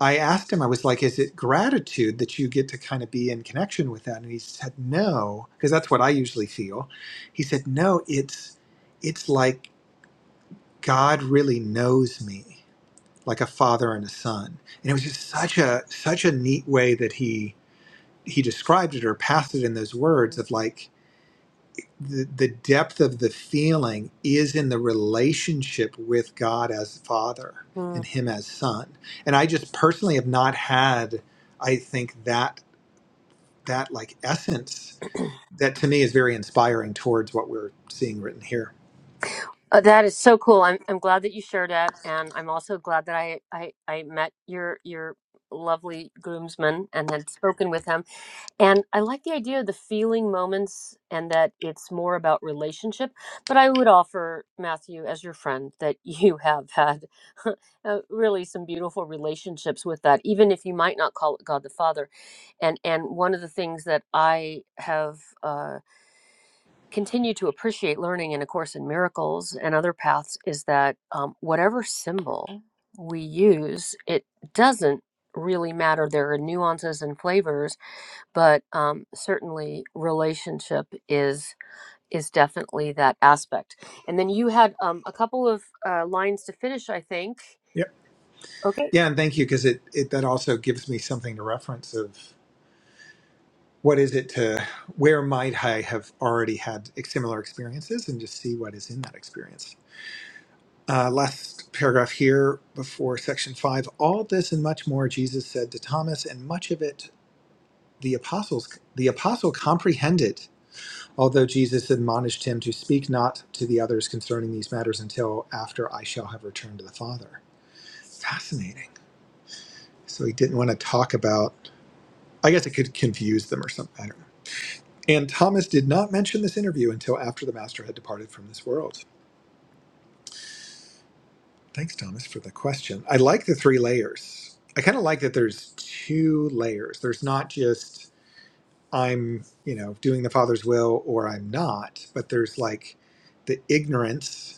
I asked him, I was like, is it gratitude that you get to kind of be in connection with that? And he said, no, because that's what I usually feel. He said, no, it's, it's like God really knows me, like a father and a son. And it was just such a, such a neat way that he, he described it or passed it in those words Mhm. of like, the, the depth of the feeling is in the relationship with God as Father and Uh, Him as Son. And I just personally have not had, I think that that like essence that to me is very inspiring towards what we're seeing written here. that is so cool. I'm I'm glad that you shared that, and I'm also glad that I I I met your your lovely groomsman and had spoken with him. And I like the idea of the feeling moments and that it's more about relationship. But I would offer, Matthew, as your friend, that you have had uh, really some beautiful relationships with that, even if you might not call it God the Father. And, and one of the things that I have uh, continued to appreciate learning in A Course in Miracles and other paths is that um, whatever symbol we use, it doesn't really matter. There are nuances and flavors but um, certainly relationship is is definitely that aspect. And then you had um, a couple of uh, lines to finish, I think. Yep. Okay. Yeah, and thank you because it, it that also gives me something to reference of what is it to where might I have already had ex- similar experiences and just see what is in that experience. Uh, last paragraph here before section five. All this and much more Jesus said to Thomas, and much of it the apostles the apostle comprehended. Although Jesus admonished him to speak not to the others concerning these matters until after I shall have returned to the Father. Fascinating. So he didn't want to talk about. I guess it could confuse them or something. I don't know. And Thomas did not mention this interview until after the Master had departed from this world. Thanks, Thomas, for the question. I like the three layers. I kind of like that there's two layers. There's not just I'm, you know, doing the Father's will or I'm not, but there's like the ignorance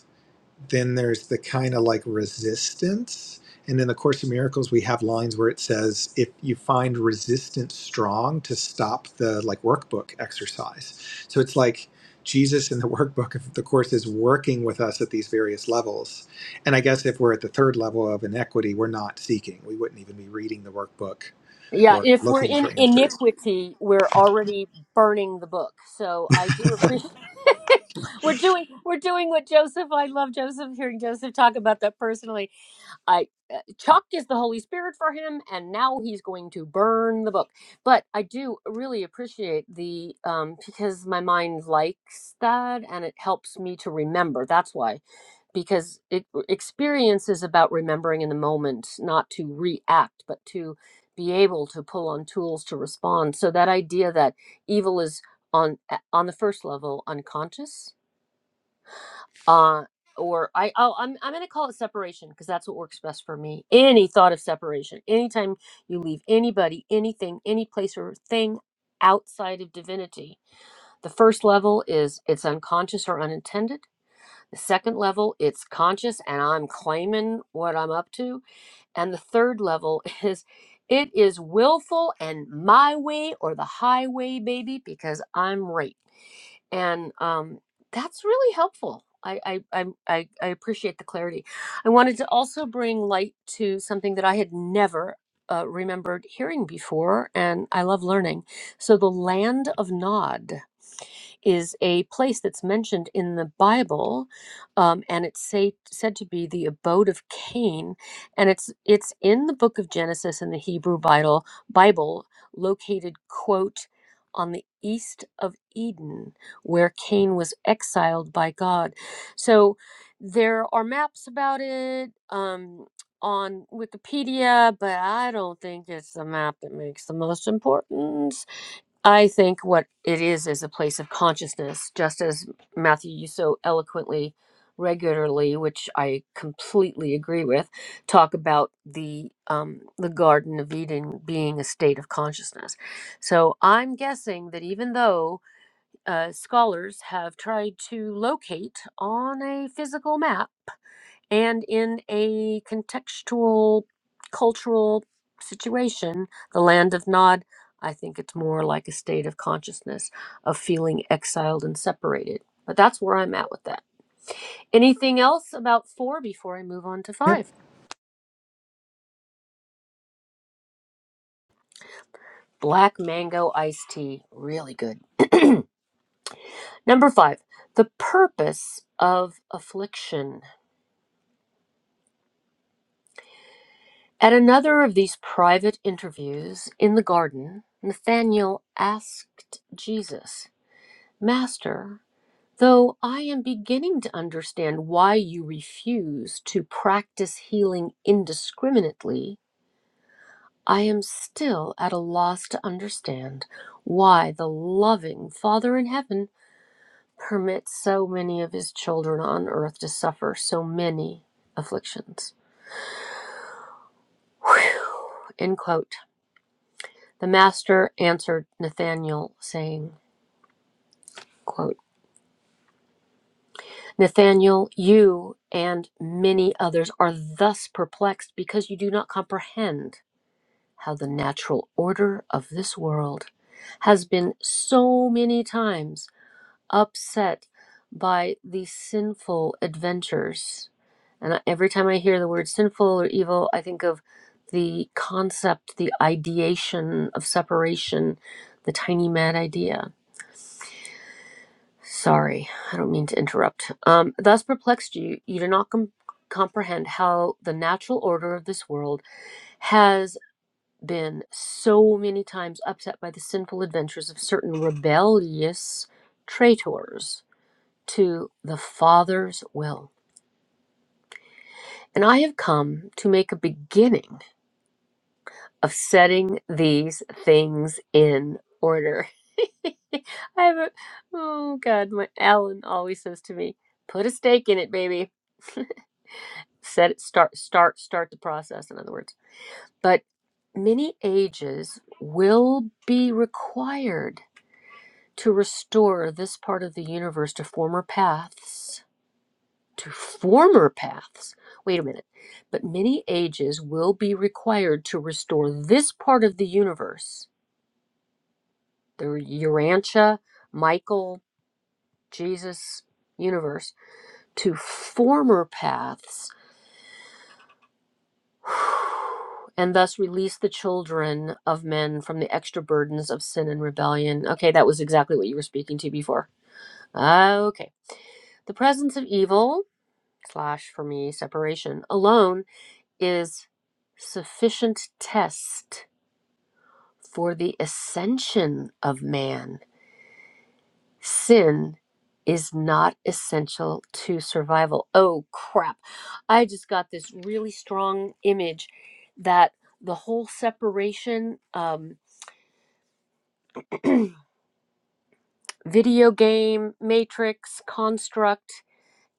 then there's the kind of like resistance. And in the Course of Miracles, we have lines where it says, if you find resistance strong, to stop the like workbook exercise. So it's like Jesus in the workbook of the Course is working with us at these various levels. And I guess if we're at the third level of inequity, we're not seeking. We wouldn't even be reading the workbook Yeah, or if we're looking in for answers. iniquity, we're already burning the book. So I do appreciate we're doing we're doing what Joseph. I love Joseph hearing Joseph talk about that personally I uh, Chuck is the Holy Spirit for him, and now he's going to burn the book. But I do really appreciate the um, because my mind likes that, and it helps me to remember. That's why, because it uh, experience is about remembering in the moment, not to react, but to be able to pull on tools to respond. So that idea that evil is on a- on the first level unconscious uh or i oh i'm, I'm gonna call it separation because that's what works best for me any thought of separation anytime you leave anybody anything any place or thing outside of divinity the first level is it's unconscious or unintended the second level it's conscious and i'm claiming what i'm up to and the third level is it is willful and my way or the highway, baby, because I'm right. And um, that's really helpful. I, I, i I, I appreciate the clarity. I wanted to also bring light to something that I had never uh, remembered hearing before, and I love learning. So, the land of Nod is a place that's mentioned in the Bible, um, and it's say, said to be the abode of Cain, and it's it's in the book of Genesis in the Hebrew Bible, Bible located quote on the east of Eden, where Cain was exiled by God. So there are maps about it. Um, on Wikipedia, but I don't think it's the map that makes the most importance I think what it is is a place of consciousness, just as Matthew, you so eloquently, regularly, which I completely agree with, talk about the um, the Garden of Eden being a state of consciousness. So I'm guessing that even though uh, scholars have tried to locate on a physical map and in a contextual cultural situation the land of nod i think it's more like a state of consciousness of feeling exiled and separated but that's where i'm at with that anything else about four before i move on to Yep. five black mango iced tea really good number five the purpose of affliction at another of these private interviews in the garden nathaniel asked jesus master Though I am beginning to understand why you refuse to practice healing indiscriminately, I am still at a loss to understand why the loving Father in heaven permits so many of his children on earth to suffer so many afflictions. Whew. End quote. The Master answered Nathanael, saying, quote, Nathaniel, you and many others are thus perplexed because you do not comprehend how the natural order of this world has been so many times upset by the sinful adventures. And I- every time I hear the word sinful or evil, I think of the concept, the ideation of separation, the tiny mad idea Sorry, I don't mean to interrupt. Um, thus perplexed you, you do not com- comprehend how the natural order of this world has been so many times upset by the sinful adventures of certain rebellious traitors to the Father's will. And I have come to make a beginning of setting these things in order. I have a, oh God, my Alan always says to me, put a stake in it, baby. set it start start start the process in other words but many ages will be required to restore this part of the universe to former paths to former paths wait a minute but many ages will be required to restore this part of the universe the urantia michael jesus universe to former paths and thus release the children of men from the extra burdens of sin and rebellion. Okay, that was exactly what you were speaking to before. Okay. The presence of evil, slash for me, separation alone is sufficient test for the ascension of man. Sin is not essential to survival. Oh, crap. I just got this really strong image that the whole separation, um, video game, matrix, construct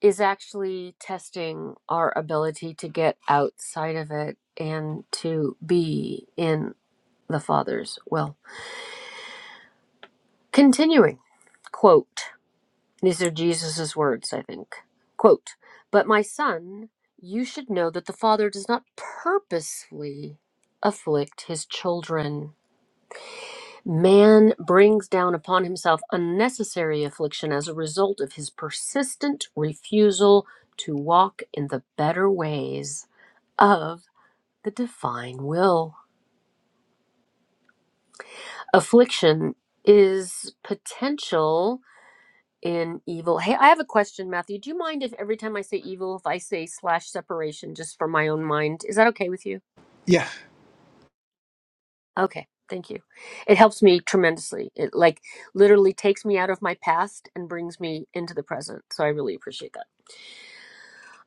is actually testing our ability to get outside of it and to be in the Father's will. Continuing, quote. These are Jesus' words, I think. Quote, But my son, you should know that the Father does not purposely afflict his children. Man brings down upon himself unnecessary affliction as a result of his persistent refusal to walk in the better ways of the divine will. Affliction is potential in evil. Hey, I have a question, Matthew. Do you mind if every time I say evil, if I say slash separation just for my own mind? Is that okay with you? Yeah. Okay, thank you. It helps me tremendously. It like literally takes me out of my past and brings me into the present. So I really appreciate that.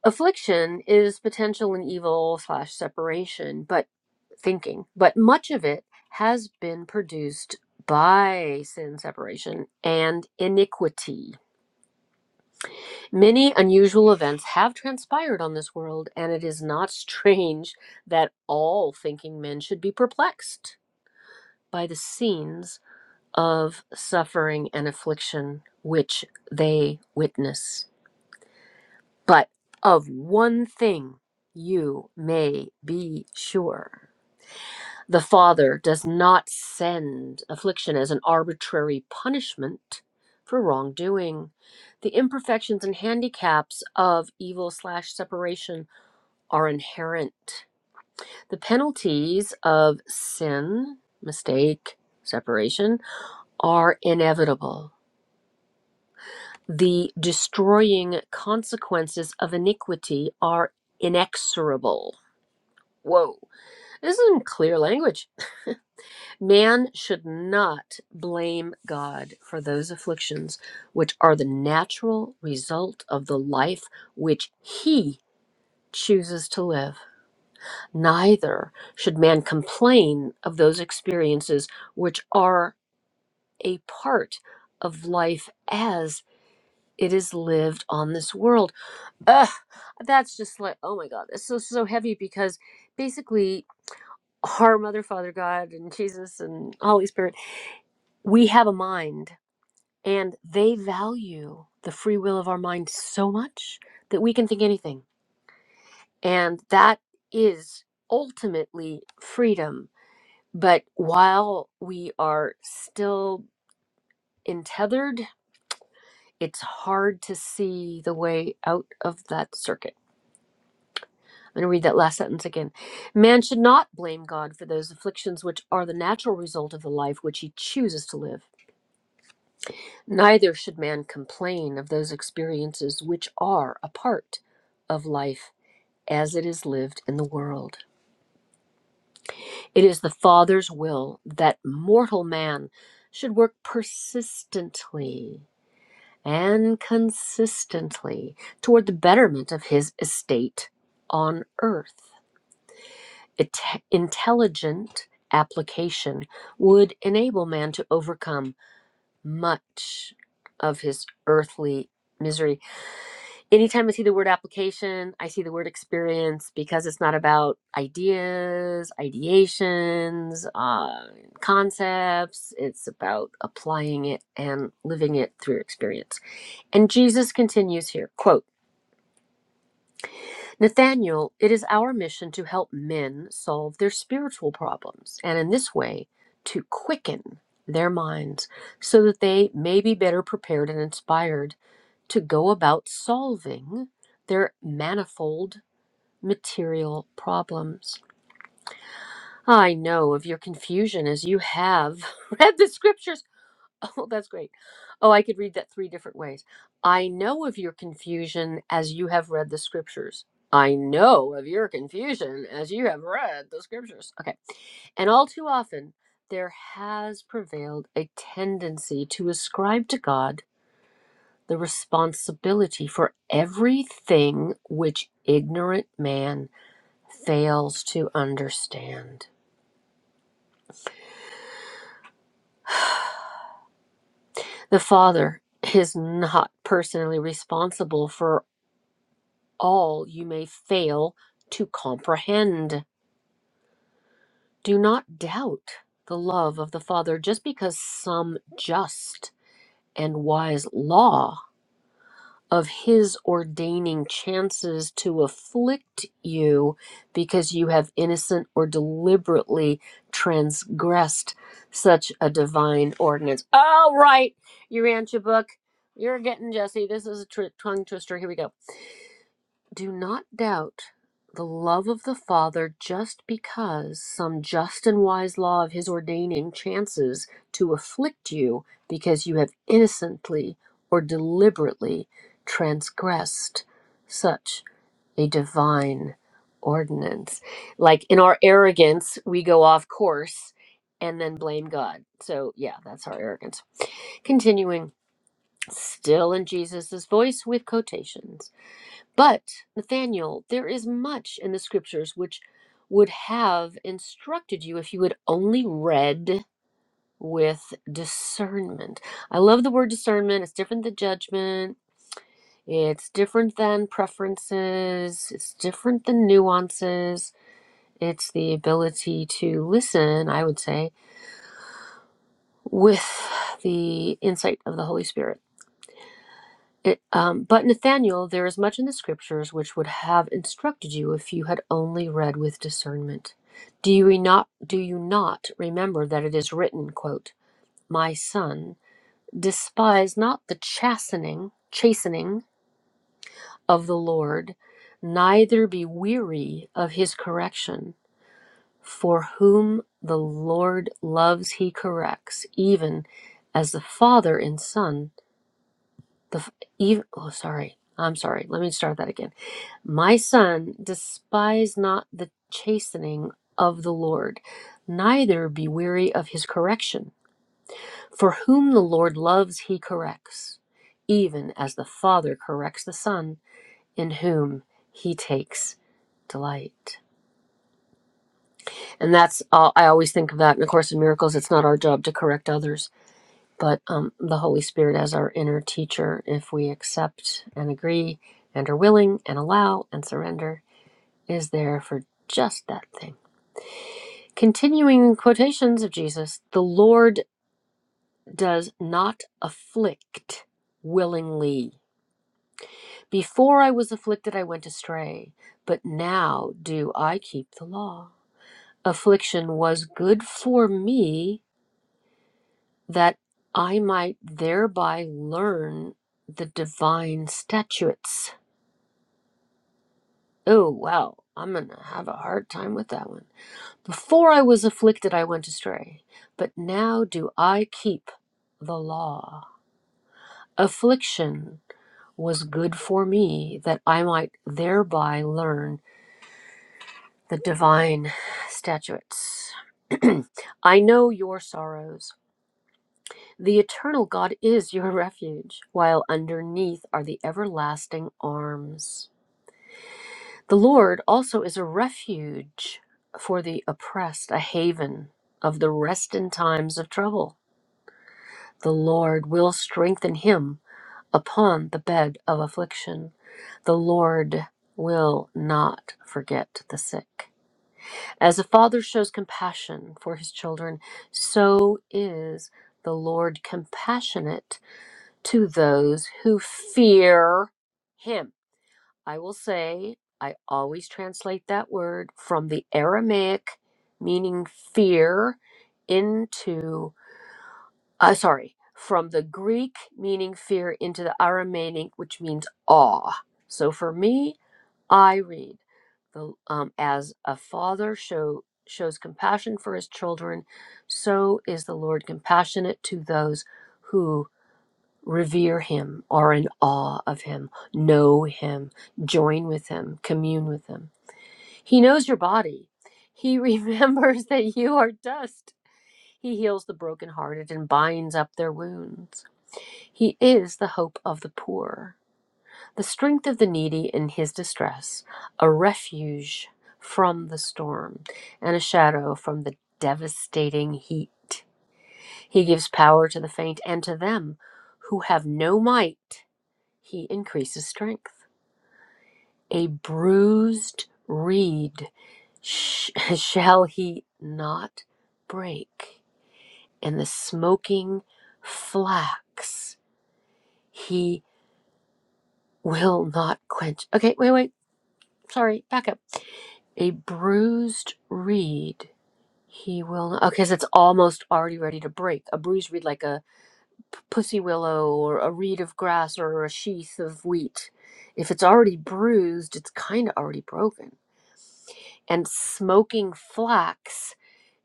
Affliction is potential and evil slash separation, but thinking, but much of it has been produced by sin separation and iniquity Many unusual events have transpired on this world, and it is not strange that all thinking men should be perplexed by the scenes of suffering and affliction which they witness. But of one thing you may be sure the Father does not send affliction as an arbitrary punishment for wrongdoing. The imperfections and handicaps of evil slash separation are inherent. The penalties of sin, mistake, separation are inevitable. The destroying consequences of iniquity are inexorable. Whoa, this is some clear language. Man should not blame God for those afflictions which are the natural result of the life which he chooses to live. Neither should man complain of those experiences which are a part of life as it is lived on this world. Ugh, that's just like, oh my God, that's so, so heavy because basically, our Mother, Father, God, and Jesus and Holy Spirit, we have a mind And they value the free will of our mind so much that we can think anything. And that is ultimately freedom. But while we are still entethered, it's hard to see the way out of that circuit. I'm going to read that last sentence again. Man should not blame God for those afflictions which are the natural result of the life which he chooses to live. Neither should man complain of those experiences which are a part of life as it is lived in the world. It is the Father's will that mortal man should work persistently and consistently toward the betterment of his estate on earth. It- intelligent application would enable man to overcome much of his earthly misery anytime I see the word application, I see the word experience because it's not about ideas, ideations, uh, concepts. It's about applying it and living it through experience. And Jesus continues here, quote, Nathaniel, it is our mission to help men solve their spiritual problems and in this way to quicken their minds so that they may be better prepared and inspired to go about solving their manifold material problems. I know of your confusion as you have read the scriptures. Oh, that's great. Oh, I could read that three different ways. I know of your confusion as you have read the scriptures. I know of your confusion as you have read the scriptures. Okay. And all too often, there has prevailed a tendency to ascribe to God the responsibility for everything which ignorant man fails to understand. The Father is not personally responsible for all you may fail to comprehend. Do not doubt the love of the Father just because some just and wise law of his ordaining chances to afflict you because you have innocent or deliberately transgressed such a divine ordinance. All right, you ran your book. You're getting Jesse. This is a tr- tongue twister. Here we go. Do not doubt the love of the Father just because some just and wise law of his ordaining chances to afflict you because you have innocently or deliberately transgressed such a divine ordinance. Like in our arrogance, we go off course and then blame God. So, yeah, that's our arrogance. Continuing, still in Jesus' voice with quotations. But, Nathaniel, there is much in the scriptures which would have instructed you if you had only read with discernment. I love the word discernment. It's different than judgment, it's different than preferences, it's different than nuances. It's the ability to listen, I would say, with the insight of the Holy Spirit. It, um, but Nathaniel, there is much in the scriptures which would have instructed you if you had only read with discernment. Do you not do you not remember that it is written, quote, "My son, despise not the chastening, chastening of the Lord, neither be weary of his correction, for whom the Lord loves he corrects, even as the father and son, the f- even, oh sorry, I'm sorry, let me start that again My son, despise not the chastening of the Lord, neither be weary of his correction. For whom the Lord loves, he corrects, even as the Father corrects the Son, in whom he takes delight. And that's, all I always think of that in A Course in Miracles. It's not our job to correct others, but um, the Holy Spirit as our inner teacher, if we accept and agree and are willing and allow and surrender, is there for just that thing. Continuing quotations of Jesus, the Lord does not afflict willingly. Before I was afflicted, I went astray, but now do I keep the law. Affliction was good for me that I might thereby learn the divine statutes. Oh, wow, I'm going to have a hard time with that one. Before I was afflicted, I went astray, but now do I keep the law. Affliction was good for me, that I might thereby learn the divine statutes. I know your sorrows. The eternal God is your refuge, while underneath are the everlasting arms. The Lord also is a refuge for the oppressed, a haven of the rest in times of trouble. The Lord will strengthen him upon the bed of affliction. The Lord will not forget the sick. As a father shows compassion for his children, so is the Lord compassionate to those who fear him. I will say, I always translate that word from the Aramaic meaning fear into uh, sorry, from the Greek meaning fear into the Aramaic, which means awe. So for me, I read the um, as a father show shows compassion for his children, so is the Lord compassionate to those who revere him, are in awe of him, know him, join with him, commune with him. He knows your body. He remembers that you are dust. He heals the brokenhearted and binds up their wounds. He is the hope of the poor, the strength of the needy in his distress, a refuge from the storm, and a shadow from the devastating heat. He gives power to the faint, and to them who have no might, he increases strength. A bruised reed sh- shall he not break and the smoking flax he will not quench. Okay, wait, wait. Sorry, back up. A bruised reed he will not. Okay, so it's almost already ready to break. A bruised reed, like a p- pussy willow or a reed of grass or a sheath of wheat. If it's already bruised, it's kind of already broken. and smoking flax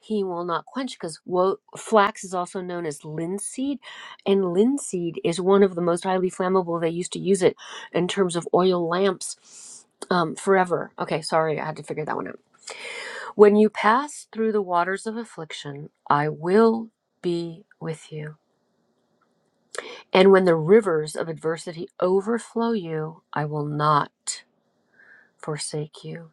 he will not quench because wo- flax is also known as linseed and linseed is one of the most highly flammable they used to use it in terms of oil lamps um, forever okay sorry i had to figure that one out when you pass through the waters of affliction i will be with you and when the rivers of adversity overflow you i will not forsake you.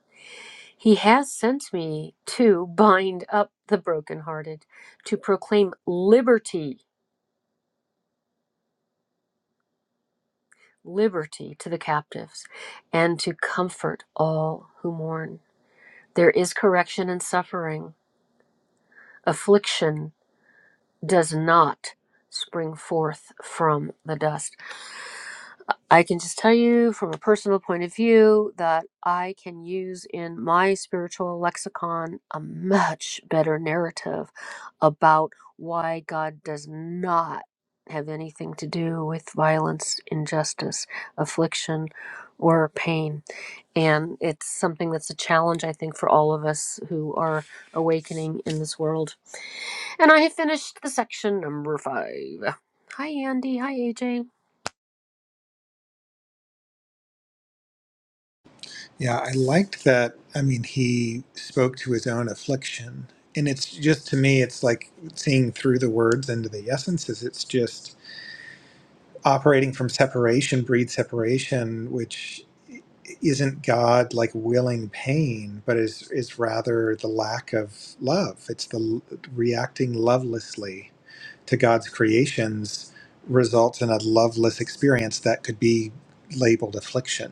He has sent me to bind up the brokenhearted, to proclaim liberty, liberty to the captives, and to comfort all who mourn. There is correction in suffering. Affliction does not spring forth from the dust. I can just tell you from a personal point of view that I can use in my spiritual lexicon a much better narrative about why God does not have anything to do with violence, injustice, affliction, or pain. And it's something that's a challenge, I think, for all of us who are awakening in this world. And I have finished the section number five. Hi, Andy. Hi, AJ. Yeah, I liked that. I mean, he spoke to his own affliction. And it's just to me, it's like seeing through the words into the essences. It's just operating from separation breeds separation, which isn't God like willing pain, but is is rather the lack of love. It's the l- reacting lovelessly to God's creations results in a loveless experience that could be labeled affliction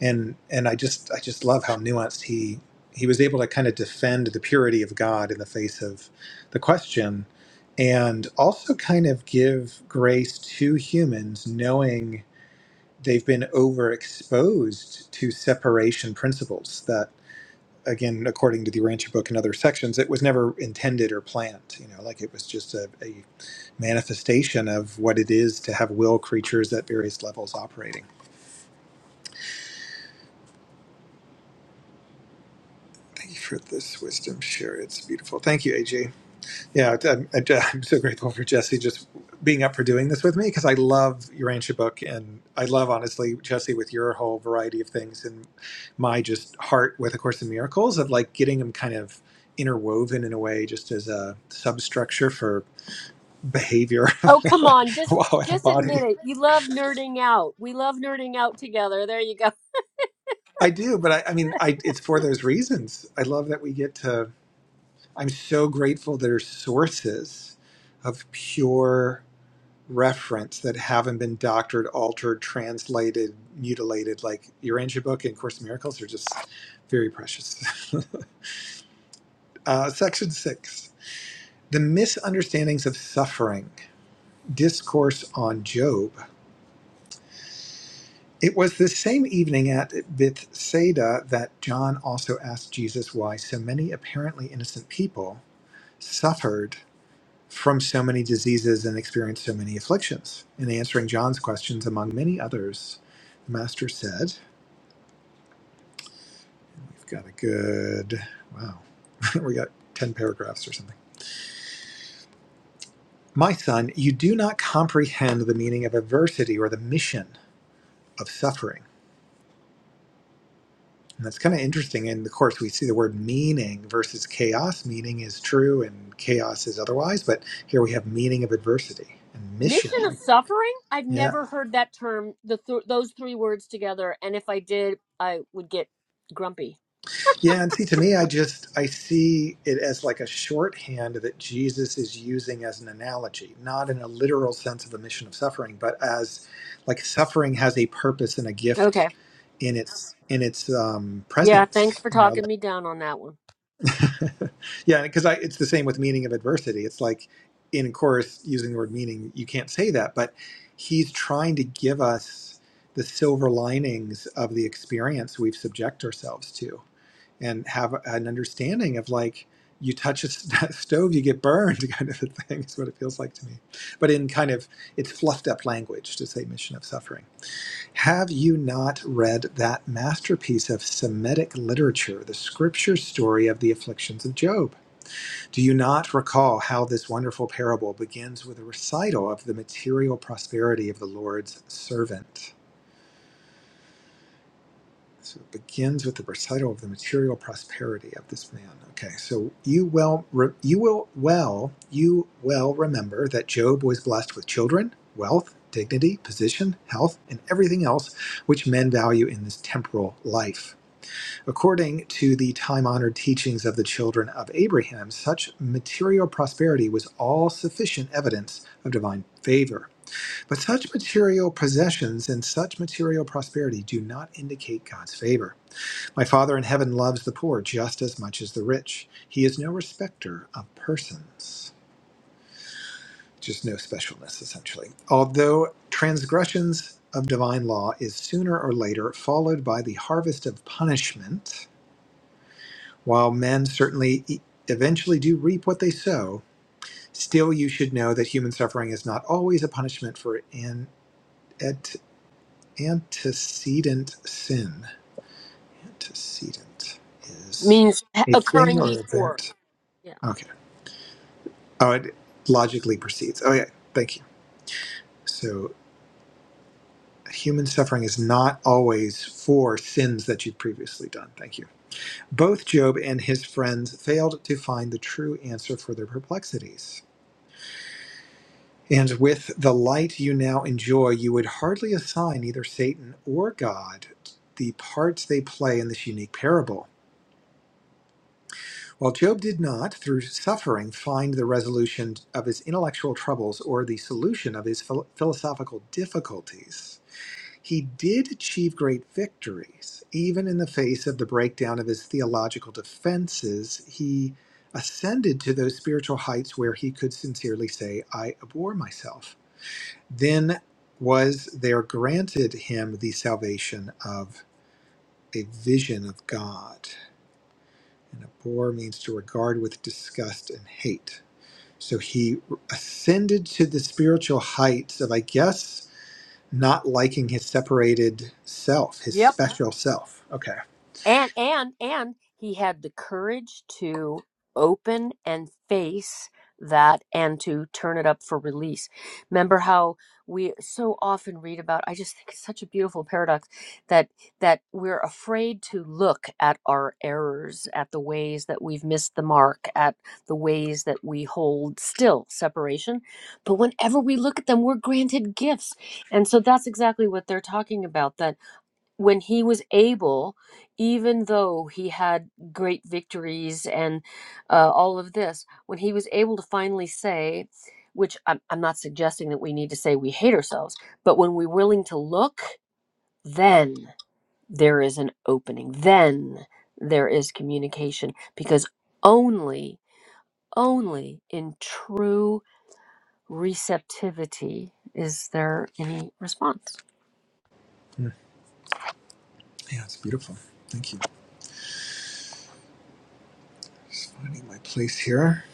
and and I just I just love how nuanced he he was able to kind of defend the purity of God in the face of the question, and also kind of give grace to humans, knowing they've been overexposed to separation principles that again according to the rancher book and other sections it was never intended or planned you know like it was just a, a manifestation of what it is to have will creatures at various levels operating Thank you for this wisdom. Share it. it's beautiful. Thank you, AJ. Yeah, I'm, I'm so grateful for Jesse just being up for doing this with me because I love your ancient book and I love honestly Jesse with your whole variety of things and my just heart with A Course in Miracles of like getting them kind of interwoven in a way just as a substructure for behavior. Oh, come on. Just wow, and just body. admit it. You love nerding out. We love nerding out together. There you go. I do, but I, I mean, I it's for those reasons. I love that we get to. I'm so grateful that are sources of pure reference that haven't been doctored, altered, translated, mutilated. Like your ancient book and Course in Miracles are just very precious. uh, section six. The misunderstandings of suffering, discourse on Job. It was this same evening at Bethsaida that John also asked Jesus why so many apparently innocent people suffered from so many diseases and experienced so many afflictions. In answering John's questions, among many others, the master said, We've got a good, wow, we got 10 paragraphs or something. My son, you do not comprehend the meaning of adversity or the mission of suffering. And that's kind of interesting. In the Course, we see the word meaning versus chaos. Meaning is true and chaos is otherwise, but here we have meaning of adversity and mission. Mission of Like, suffering? I've yeah. never heard that term, the th- those three words together, and if I did, I would get grumpy. Yeah, and see, to me, I just I see it as like a shorthand that Jesus is using as an analogy, not in a literal sense of the mission of suffering, but as like suffering has a purpose and a gift Okay. in its in its um, Yeah, thanks presence. for You know, talking me down on that one. like yeah, because I it's the same with meaning of adversity. It's like in course using the word meaning, you can't say that, but he's trying to give us the silver linings of the experience we've subject ourselves to and have an understanding of like you touch a st- stove you get burned kind of a thing is what it feels like to me but in kind of it's fluffed up language to say mission of suffering have you not read that masterpiece of semitic literature the scripture story of the afflictions of job do you not recall how this wonderful parable begins with a recital of the material prosperity of the lord's servant So it begins with the recital of the material prosperity of this man. Okay, so you well, re, you will well, you well remember that Job was blessed with children, wealth, dignity, position, health, and everything else which men value in this temporal life. According to the time-honored teachings of the children of Abraham, such material prosperity was all sufficient evidence of divine favor. But such material possessions and such material prosperity do not indicate God's favor. My Father in heaven loves the poor just as much as the rich. He is no respecter of persons. Just no specialness, essentially. Although transgressions of divine law is sooner or later followed by the harvest of punishment, while men certainly e- eventually do reap what they sow, still you should know that human suffering is not always a punishment for an et, antecedent sin. Antecedent is Means ha- a thing occurring or before. event. Yeah. Okay. Oh, it logically proceeds. Oh, yeah. Thank you. So, human suffering is not always for sins that you've previously done. Thank you. Both Job and his friends failed to find the true answer for their perplexities. And with the light you now enjoy, you would hardly assign either Satan or God the parts they play in this unique parable. While Job did not, through suffering, find the resolution of his intellectual troubles or the solution of his phil- philosophical difficulties, He did achieve great victories. Even in the face of the breakdown of his theological defenses, he ascended to those spiritual heights where he could sincerely say, I abhor myself. Then was there granted him the salvation of a vision of God. And abhor means to regard with disgust and hate. So he ascended to the spiritual heights of, I guess, not liking his separated self, his Yep. special self. Okay. and and and he had the courage to open and face that and to turn it up for release remember how we so often read about i just think it's such a beautiful paradox that that we're afraid to look at our errors at the ways that we've missed the mark at the ways that we hold still separation but whenever we look at them we're granted gifts and so that's exactly what they're talking about that when he was able, even though he had great victories and uh, all of this, when he was able to finally say, which I'm, I'm not suggesting that we need to say we hate ourselves, but when we're willing to look, then there is an opening. Then there is communication because only, only in true receptivity is there any response. Hmm. Yeah, it's beautiful. Thank you. Just finding my place here.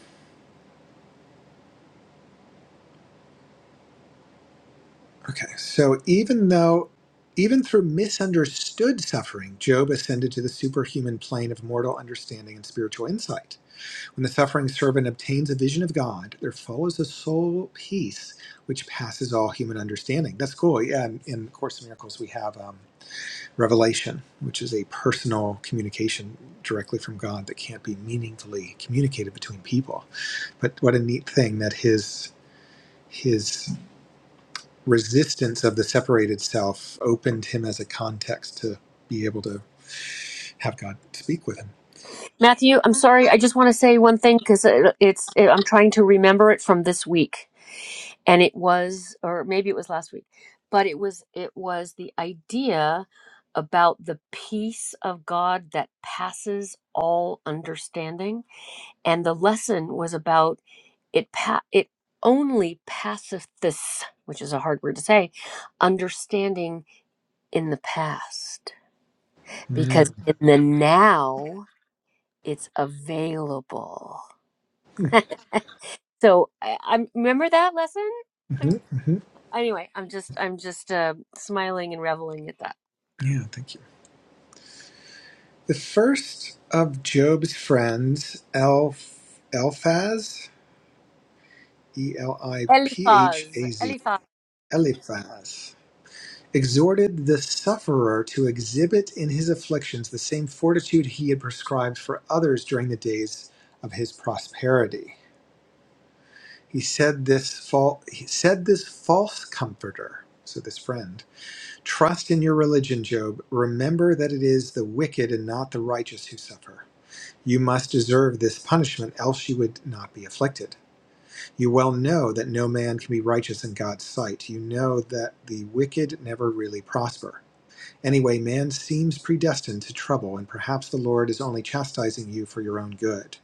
Okay. So even though, even through misunderstood suffering, Job ascended to the superhuman plane of mortal understanding and spiritual insight. When the suffering servant obtains a vision of God, there follows a soul peace which passes all human understanding. That's cool. Yeah. And in Course in Miracles, we have. um, revelation, which is a personal communication directly from God that can't be meaningfully communicated between people. But what a neat thing that his his resistance of the separated self opened him as a context to be able to have God speak with Matthew, I'm sorry. I just want to say one thing because it, it's it, I'm trying to remember it from this week, and it was, or maybe it was last week, but it was it was the idea about the peace of God that passes all understanding, and the lesson was about it. Pa- it only passeth this, which is a hard word to say, understanding in the past, him. because in the now it's available. So I, i remember that lesson. I'm, Mm-hmm, hmm anyway, I'm just I'm just uh, smiling and reveling at that. Yeah, thank you. The first of Job's friends, Elf, Elphaz, E L I P H Eliphaz, A Z, Eliphaz, Eliphaz. exhorted the sufferer to exhibit in his afflictions the same fortitude he had prescribed for others during the days of his prosperity. He said this fal- he said this false comforter, so this friend, trust in your religion, Job. Remember that it is the wicked and not the righteous who suffer. You must deserve this punishment, else you would not be afflicted. You well know that no man can be righteous in God's sight. You know that the wicked never really prosper. Anyway, man seems predestined to trouble, and perhaps the Lord is only chastising you for your own good.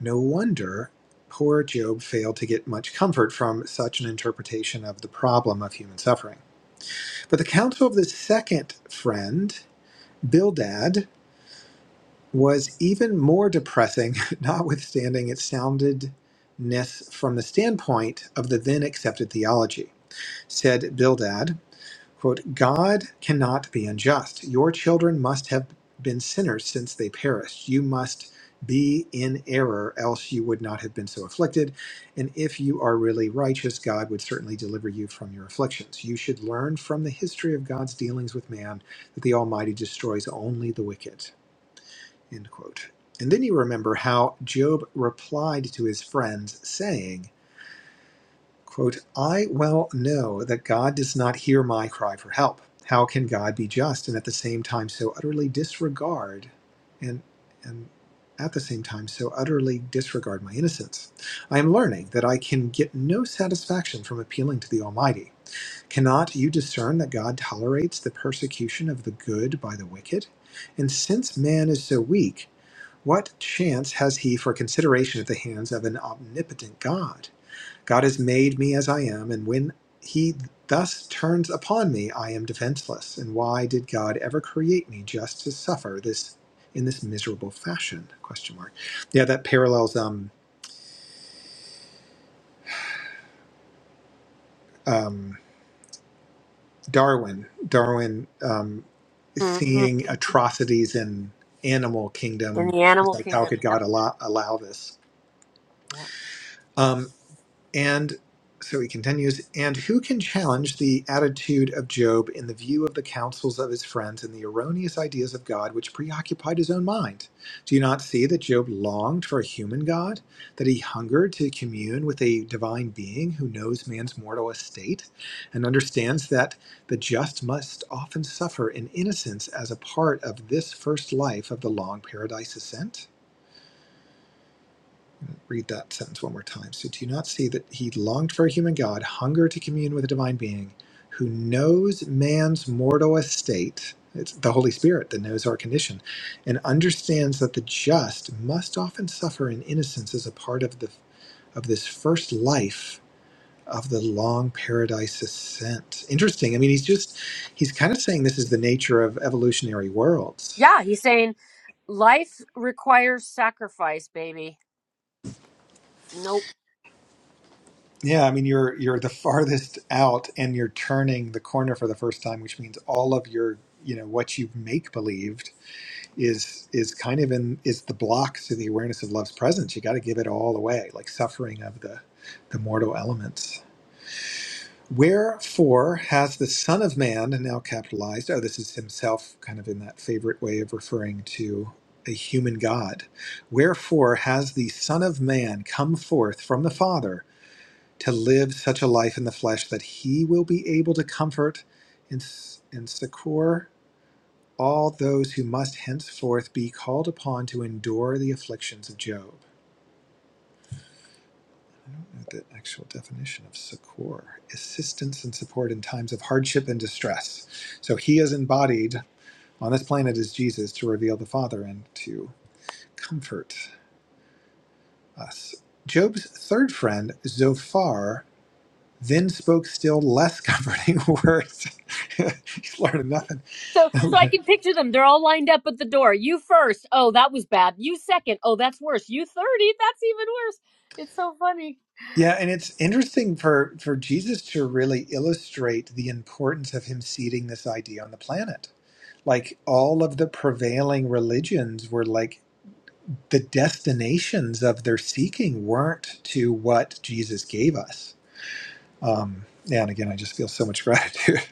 No wonder poor Job failed to get much comfort from such an interpretation of the problem of human suffering. But the counsel of the second friend, Bildad, was even more depressing, notwithstanding its soundedness from the standpoint of the then accepted theology. Said Bildad, Quote, God cannot be unjust. Your children must have been sinners since they perished. You must be in error, else you would not have been so afflicted. And if you are really righteous, God would certainly deliver you from your afflictions. You should learn from the history of God's dealings with man that the Almighty destroys only the wicked. End quote. And then you remember how Job replied to his friends, saying, Quote, I well know that God does not hear my cry for help. How can God be just and at the same time so utterly disregard and and at the same time so utterly disregard my innocence? I am learning that I can get no satisfaction from appealing to the Almighty. Cannot you discern that God tolerates the persecution of the good by the wicked? And since man is so weak, what chance has he for consideration at the hands of an omnipotent God? God has made me as I am, and when He thus turns upon me, I am defenseless. And why did God ever create me just to suffer this in this miserable fashion? Question mark. Yeah, that parallels um, um, Darwin. Darwin um, Mm-mm. seeing atrocities in animal in kingdom the was animal like, how kingdom. could Yep. God allow, allow this? Yep. Um, And so he continues, and who can challenge the attitude of Job in the view of the counsels of his friends and the erroneous ideas of God which preoccupied his own mind? Do you not see that Job longed for a human God? That he hungered to commune with a divine being who knows man's mortal estate and understands that the just must often suffer in innocence as a part of this first life of the long paradise ascent? read that sentence one more time. So do you not see that he longed for a human God, hungered to commune with a divine being who knows man's mortal estate? It's the Holy Spirit that knows our condition and understands that the just must often suffer in innocence as a part of the of this first life of the long paradise ascent. Interesting. I mean, he's just he's kind of saying this is the nature of evolutionary worlds Yeah, he's saying life requires sacrifice, baby. Nope. Yeah, I mean you're you're the farthest out and you're turning the corner for the first time, which means all of your you know what you make believed is is kind of in is the block to the awareness of love's presence. You got to give it all away, like suffering of the the mortal elements. Wherefore has the Son of Man now capitalized? Oh, this is himself, kind of in that favorite way of referring to a human God. Wherefore has the Son of Man come forth from the Father? to live such a life in the flesh that he will be able to comfort and, and succor all those who must henceforth be called upon to endure the afflictions of Job. Note The actual definition of succor assistance and support in times of hardship and distress. So he is embodied on this planet as Jesus to reveal the Father and to comfort us. Job's third friend, Zophar, then spoke still less comforting words. He's learning nothing. So, so I can picture them. They're all lined up at the door. You first. Oh, that was bad. You second. Oh, that's worse. You 30. That's even worse. It's so funny. yeah, and it's interesting for, for Jesus to really illustrate the importance of him seeding this idea on the planet. Like all of the prevailing religions were like the destinations of their seeking weren't to what Jesus gave us. Yeah, and again, I just feel so much gratitude.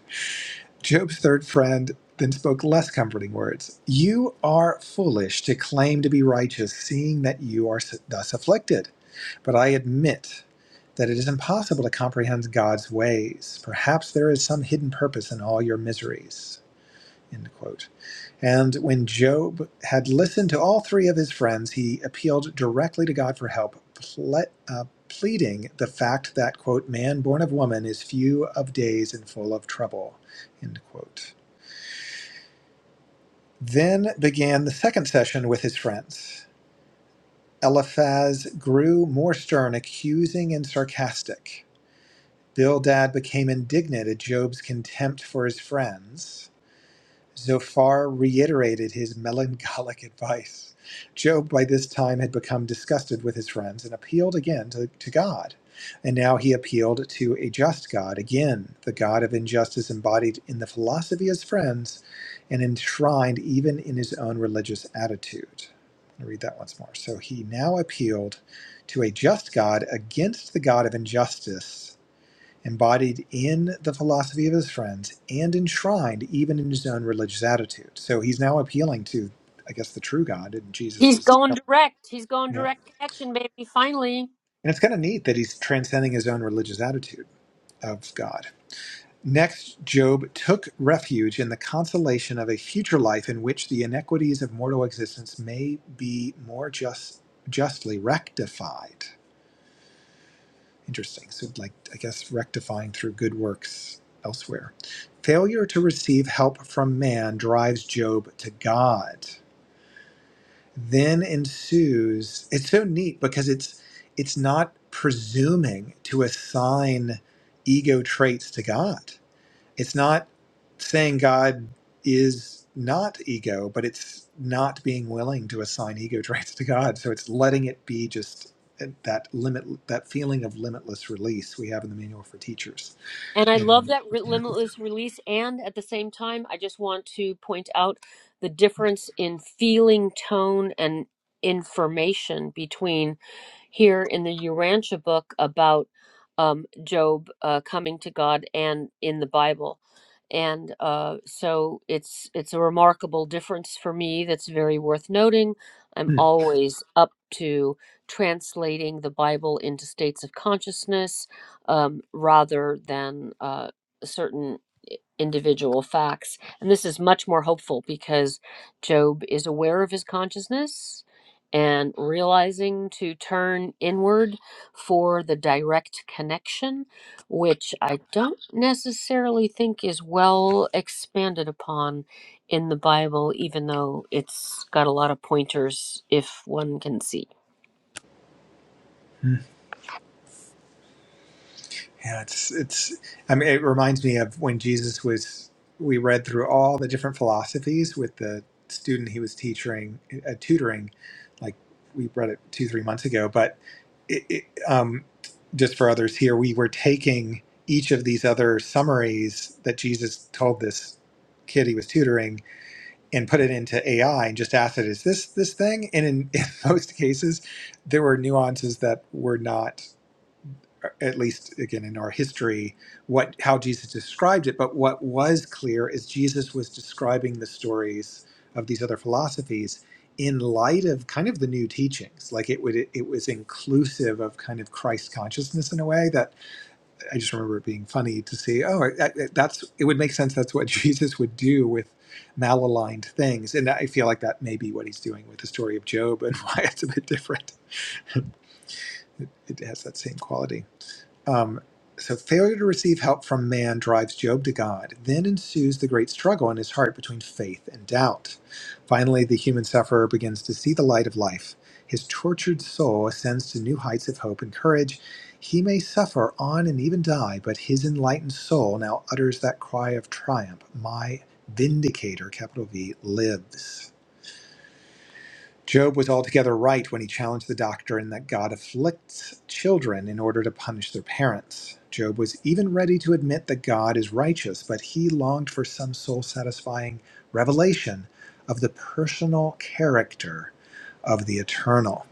Job's third friend then spoke less comforting words. You are foolish to claim to be righteous, seeing that you are thus afflicted. But I admit that it is impossible to comprehend God's ways. Perhaps there is some hidden purpose in all your miseries. End quote. And when Job had listened to all three of his friends, he appealed directly to God for help, ple- uh, pleading the fact that, quote, man born of woman is few of days and full of trouble, end quote. Then began the second session with his friends. Eliphaz grew more stern, accusing and sarcastic. Bildad became indignant at Job's contempt for his friends. Zophar reiterated his melancholic advice. Job, by this time, had become disgusted with his friends and appealed again to, to God. And now he appealed to a just God, again, the God of injustice embodied in the philosophy of his friends and enshrined even in his own religious attitude. I'm read that once more. So he now appealed to a just God against the God of injustice embodied in the philosophy of his friends and enshrined even in his own religious attitude. So he's now appealing to, I guess, the true God, and Jesus He's is, going direct. He's going yeah. direct connection, baby, finally. And it's kind of neat that he's transcending his own religious attitude of God. Next, Job took refuge in the consolation of a future life in which the inequities of mortal existence may be more just, justly rectified. Interesting. So, like, I guess rectifying through good works elsewhere. Failure to receive help from man drives Job to God. Then ensues. It's so neat because it's it's not presuming to assign ego traits to God. It's not saying God is not ego, but it's not being willing to assign ego traits to God. So it's letting it be just uh, that limit, that feeling of limitless release we have in the manual for teachers And I love in that re- Miracles. limitless release. And at the same time, I just want to point out the difference in feeling, tone, and information between here in the Urantia book about um, Job uh, coming to God and in the Bible. And uh, so it's it's a remarkable difference for me that's very worth noting. I'm always up to translating the Bible into states of consciousness um, rather than uh, certain individual facts. And this is much more hopeful because Job is aware of his consciousness and realizing to turn inward for the direct connection, which I don't necessarily think is well expanded upon in the Bible, even though it's got a lot of pointers if one can see. Yeah, it's it's. I mean, it reminds me of when Jesus was. We read through all the different philosophies with the student he was teaching, uh, tutoring. Like we read it two, three months ago, but it, it, um, just for others here, we were taking each of these other summaries that Jesus told this kid he was tutoring and put it into AI and just asked it, "Is this this thing?" And in, in most cases, there were nuances that were not at least again in our history what how Jesus described it but what was clear is Jesus was describing the stories of these other philosophies in light of kind of the new teachings like it would it was inclusive of kind of Christ consciousness in a way that I just remember it being funny to see oh that, that's it would make sense that's what Jesus would do with malaligned things and I feel like that may be what he's doing with the story of Job and why it's a bit different it, it has that same quality um, so failure to receive help from man drives Job to God. Then ensues the great struggle in his heart between faith and doubt. Finally, the human sufferer begins to see the light of life. His tortured soul ascends to new heights of hope and courage. He may suffer on and even die, but his enlightened soul now utters that cry of triumph My vindicator, capital V, lives. Job was altogether right when he challenged the doctrine that God afflicts children in order to punish their parents. Job was even ready to admit that God is righteous, but he longed for some soul satisfying revelation of the personal character of the eternal.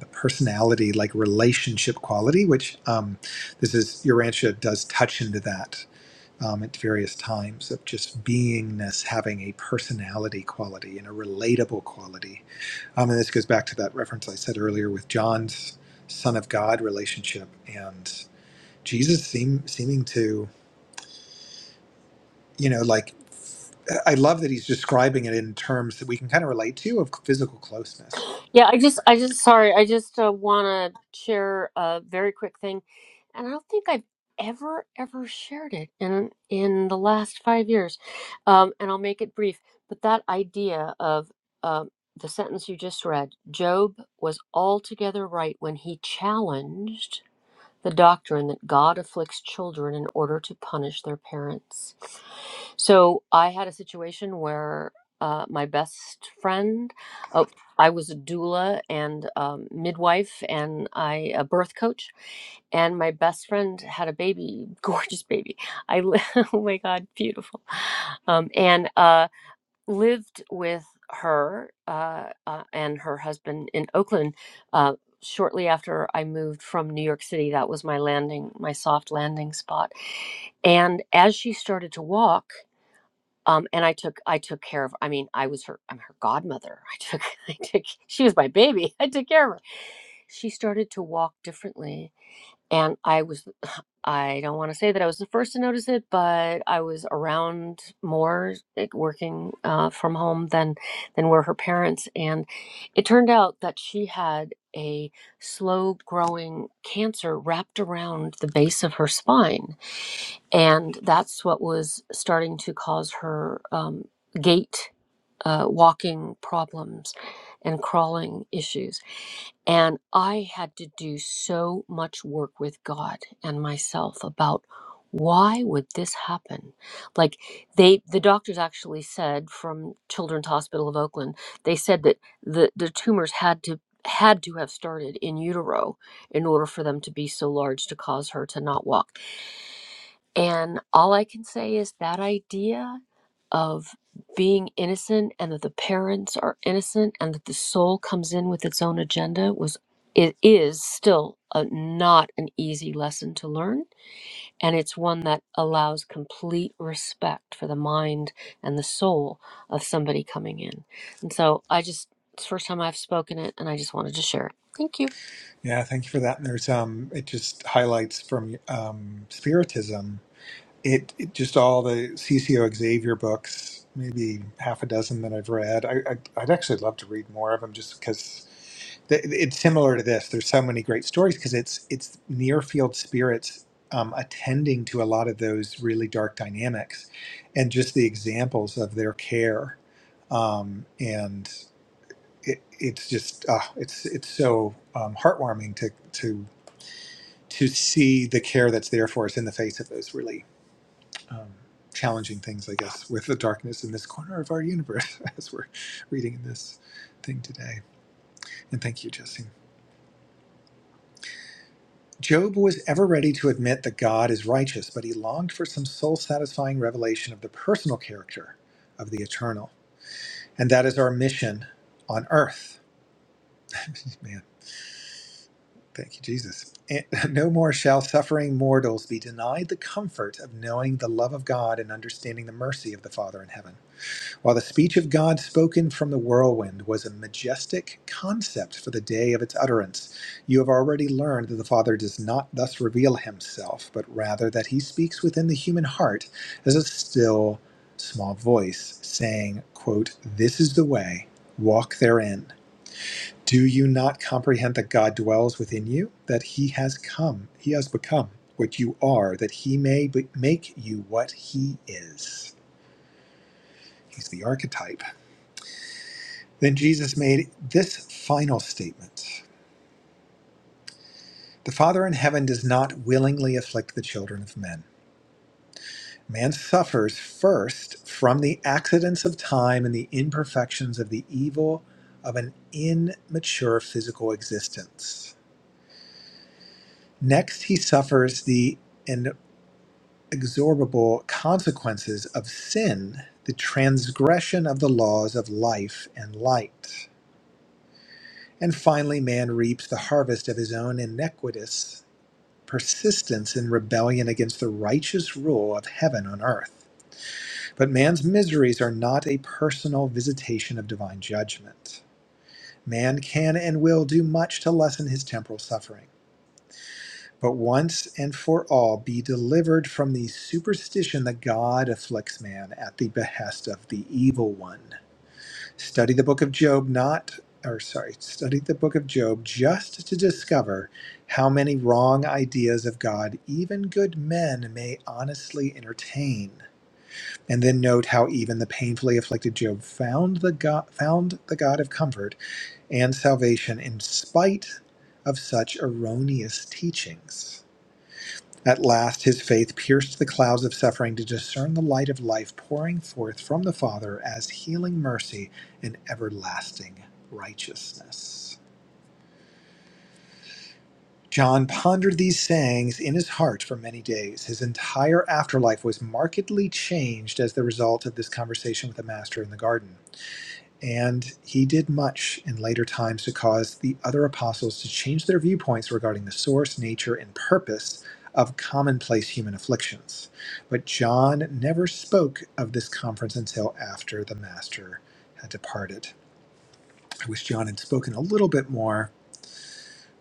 The personality, like relationship quality, which um, this is Urantia does touch into that um, at various times of just beingness having a personality quality and a relatable quality. Um, and this goes back to that reference I said earlier with John's Son of God relationship and Jesus seem, seeming to, you know, like I love that he's describing it in terms that we can kind of relate to of physical closeness. Yeah, I just, I just, sorry, I just uh, want to share a very quick thing, and I don't think I've ever, ever shared it in in the last five years, um, and I'll make it brief. But that idea of um the sentence you just read, Job was altogether right when he challenged the doctrine that God afflicts children in order to punish their parents. So I had a situation where uh, my best friend, uh, I was a doula and um, midwife and I a birth coach, and my best friend had a baby, gorgeous baby. I li- oh my god, beautiful. Um, and uh, lived with her uh, uh, and her husband in Oakland uh, shortly after I moved from New York City. That was my landing, my soft landing spot. And as she started to walk, um, and I took, I took care of. I mean, I was her, I'm her godmother. I took, I took. She was my baby. I took care of her. She started to walk differently and I was, I don't want to say that I was the first to notice it, but I was around more like, working uh, from home than than were her parents. And it turned out that she had a slow growing cancer wrapped around the base of her spine. And that's what was starting to cause her um, gait, uh, walking problems, and crawling issues and I had to do so much work with God and myself about why would this happen? Like they the doctors actually said from Children's Hospital of Oakland, they said that the, the tumors had to had to have started in utero in order for them to be so large to cause her to not walk and all I can say is that idea of being innocent and that the parents are innocent and that the soul comes in with its own agenda was it is still a, not an easy lesson to learn and it's one that allows complete respect for the mind and the soul of somebody coming in and so i just it's the first time i've spoken it and i just wanted to share it thank you Yeah, thank you for that. And there's um, it just highlights from um, Spiritism it, it just all the CCO Xavier books, maybe half a dozen that I've read. I, I I'd actually love to read more of them just because th- it's similar to this. There's so many great stories because it's it's near field spirits um, attending to a lot of those really dark dynamics, and just the examples of their care, um, and it, it's just uh, it's it's so um, heartwarming to to to see the care that's there for us in the face of those really um, challenging things, I guess, with the darkness in this corner of our universe as we're reading in this thing today. And thank you, Jesse. Job was ever ready to admit that God is righteous, but he longed for some soul satisfying revelation of the personal character of the eternal. And that is our mission on earth. Man, thank you, Jesus. And no more shall suffering mortals be denied the comfort of knowing the love of God and understanding the mercy of the Father in heaven. While the speech of God spoken from the whirlwind was a majestic concept for the day of its utterance, you have already learned that the Father does not thus reveal himself, but rather that he speaks within the human heart as a still, small voice, saying, quote, This is the way, walk therein. Do you not comprehend that God dwells within you? That he has come, he has become what you are, that he may be- make you what he is. He's the archetype. Then Jesus made this final statement The Father in heaven does not willingly afflict the children of men. Man suffers first from the accidents of time and the imperfections of the evil of an immature physical existence. Next, he suffers the inexorable consequences of sin, the transgression of the laws of life and light. And finally, man reaps the harvest of his own iniquitous persistence in rebellion against the righteous rule of heaven on earth. But man's miseries are not a personal visitation of divine judgment. Man can and will do much to lessen his temporal suffering, but once and for all be delivered from the superstition that God afflicts man at the behest of the evil one. Study the book of Job, not, or sorry, study the book of Job just to discover how many wrong ideas of God even good men may honestly entertain. And then note how even the painfully afflicted Job found the God, found the God of comfort and salvation in spite of such erroneous teachings. At last his faith pierced the clouds of suffering to discern the light of life pouring forth from the Father as healing mercy and everlasting righteousness. John pondered these sayings in his heart for many days. His entire afterlife was markedly changed as the result of this conversation with the Master in the garden. And he did much in later times to cause the other apostles to change their viewpoints regarding the source, nature, and purpose of commonplace human afflictions. But John never spoke of this conference until after the Master had departed. I wish John had spoken a little bit more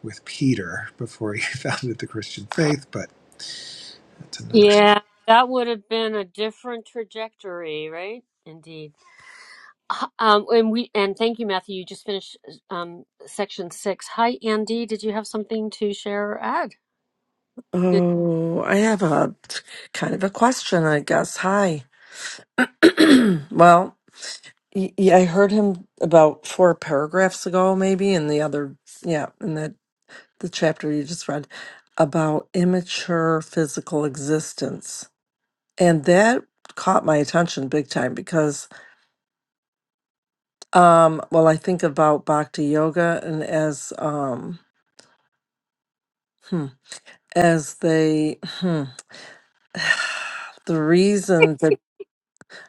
with Peter before he founded the Christian faith, but that's another. yeah that would have been a different trajectory right indeed H- Um, and we and thank you, Matthew. You just finished um, section six. Hi, Andy. Did you have something to share or add? Oh, I have a kind of a question, I guess. Hi. well, y- yeah, I heard him about four paragraphs ago, maybe, in the other, yeah, in the, the chapter you just read about immature physical existence. And that caught my attention big time because, um, well, I think about bhakti yoga and as, um, hmm, as they, hmm, the reason that.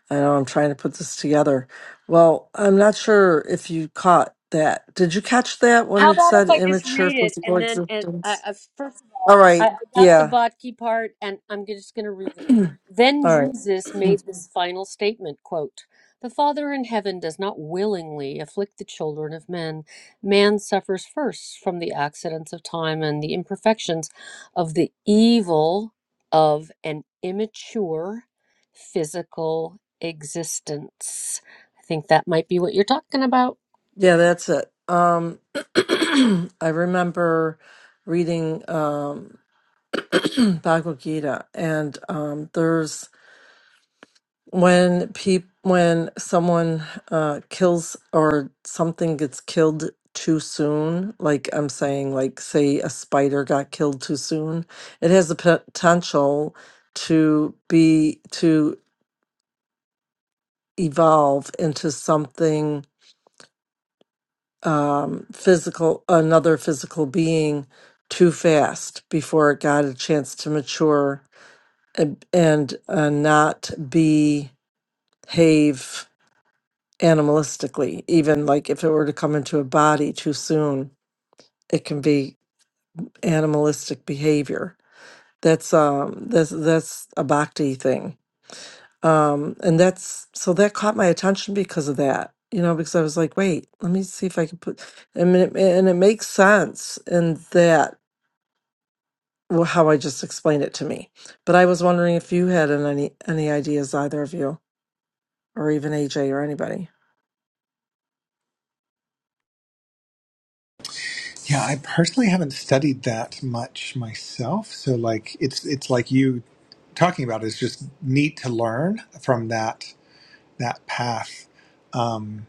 I know I'm trying to put this together. Well, I'm not sure if you caught that. Did you catch that when How it about said if I just immature read it physical and then and I, existence? I first of All all I, right. I got the Yeah. Botke part and I'm g- just going to read it. All Then right. Jesus made this final statement, quote, "The Father in heaven does not willingly afflict the children of men. Man suffers first from the accidents of time and the imperfections of the evil of an immature physical existence." I think that might be what you're talking about. Yeah, that's it. Um, I remember reading um, Bhagavad Gita, and um, there's when peop when someone uh kills or something gets killed too soon like i'm saying like say a spider got killed too soon it has the potential to be to evolve into something um physical another physical being too fast before it got a chance to mature and and uh, not behave animalistically. Even like if it were to come into a body too soon, it can be animalistic behavior. That's um that's that's a bhakti thing. Um and that's so that caught my attention because of that. You know, because I was like, wait, let me see if I can put I mean it, and it makes sense in that well, how I just explained it to me. But I was wondering if you had an- any any ideas, either of you, or even AJ or anybody. Yeah, I personally haven't studied that much myself. So like it's it's like you talking about is just neat to learn from that that path. Um,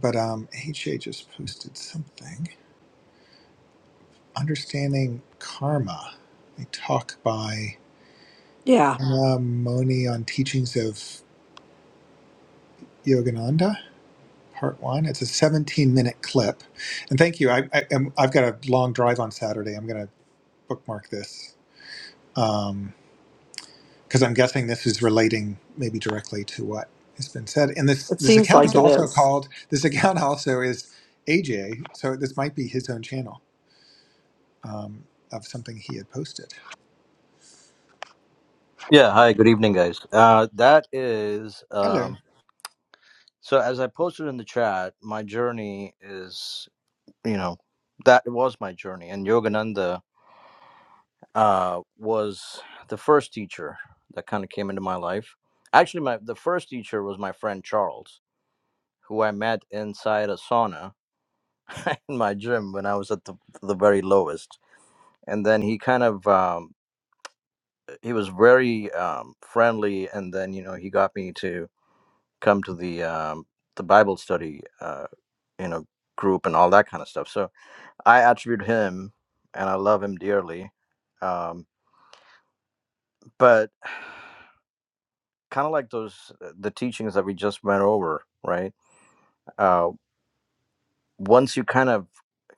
but um, HA just posted something. Understanding karma. They talk by Yeah, Anna Moni on teachings of Yogananda, part one. It's a 17 minute clip. And thank you. I, I, I'm- I've got a long drive on Saturday. I'm going to bookmark this. Um, because I'm guessing this is relating maybe directly to what has been said. And this it this seems account like is it also is. called this account also is AJ, so this might be his own channel um, of something he had posted. Yeah, hi, good evening, guys. Uh, that is, Hello. um, so as I posted in the chat, my journey is, you know, that was my journey. And Yogananda uh, was the first teacher that kind of came into my life. Actually, my the first teacher was my friend Charles, who I met inside a sauna in my gym when I was at the, the very lowest. And then he kind of, um, he was very um, friendly. And then, you know, he got me to, come to the um, the Bible study, uh, you know, group and all that kind of stuff. So I attribute him, and I love him dearly. Um, but kind of like those uh, the teachings that we just went over, right? Uh, once you kind of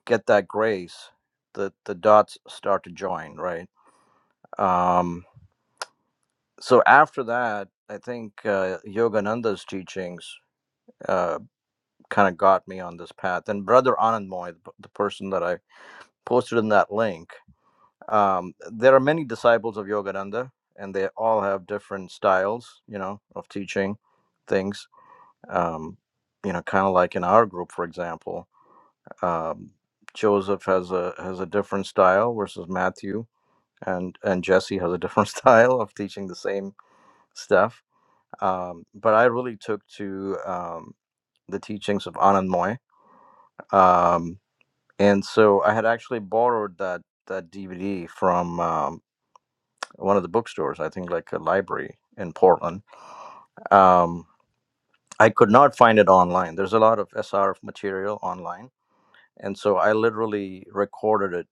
get that grace, the the dots start to join, right? Um, so after that, I think uh, Yogananda's teachings uh, kind of got me on this path, and Brother Anand Moy, the, the person that I posted in that link. Um, there are many disciples of Yogananda, and they all have different styles, you know, of teaching things. Um, you know, kind of like in our group, for example, um, Joseph has a has a different style versus Matthew, and and Jesse has a different style of teaching the same stuff. Um, but I really took to um, the teachings of Anand Moy, um, and so I had actually borrowed that that DVD from. Um, one of the bookstores, I think like a library in Portland. Um, I could not find it online. There's a lot of SRF material online. And so I literally recorded it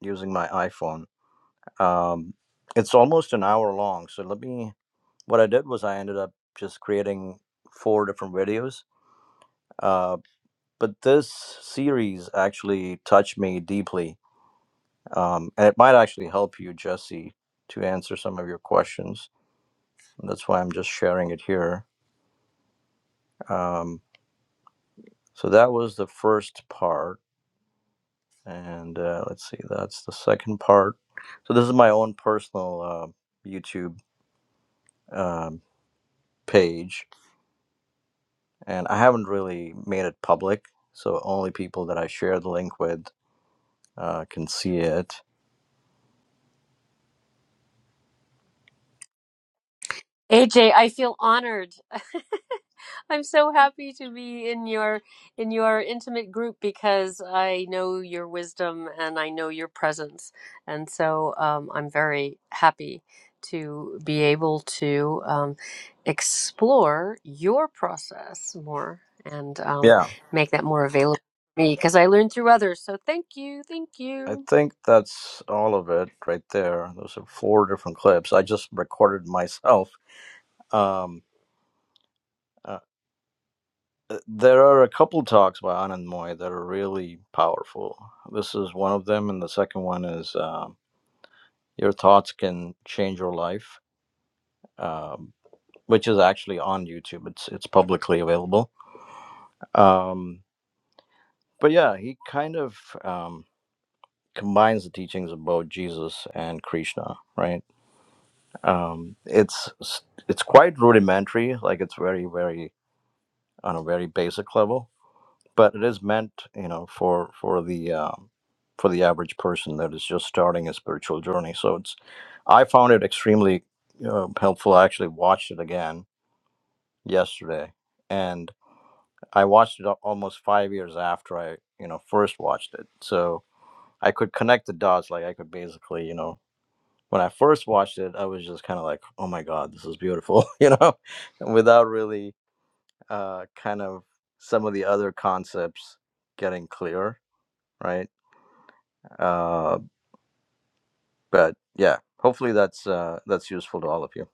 using my iPhone. Um, it's almost an hour long. So let me, what I did was I ended up just creating four different videos. Uh, but this series actually touched me deeply. Um, and it might actually help you, Jesse, to answer some of your questions. And That's why I'm just sharing it here. Um, so that was the first part, and uh, let's see, that's the second part. So this is my own personal uh, YouTube um, page, and I haven't really made it public, so only people that I share the link with uh, can see it. AJ, I feel honored. I'm so happy to be in your in your intimate group because I know your wisdom and I know your presence, and so um, I'm very happy to be able to um, explore your process more and um, Yeah, make that more available to me because I learn through others. So thank you, thank I you. think that's all of it right there. Those are four different clips. I just recorded myself. Um, Uh, There are a couple talks by Anand Moy that are really powerful. This is one of them, and the second one is um "Your Thoughts Can Change Your Life," um, which is actually on YouTube. It's it's publicly available. Um, but yeah, he kind of um, combines the teachings of both Jesus and Krishna. Right? Um, it's it's quite rudimentary. Like it's very very on a very basic level but it is meant you know for for the um, for the average person that is just starting a spiritual journey so it's i found it extremely uh, helpful i actually watched it again yesterday and i watched it al- almost five years after i you know first watched it so i could connect the dots like i could basically you know when i first watched it i was just kind of like oh my god this is beautiful you know without really uh, kind of some of the other concepts getting clear right Uh, but yeah, hopefully that's uh, that's useful to all of you.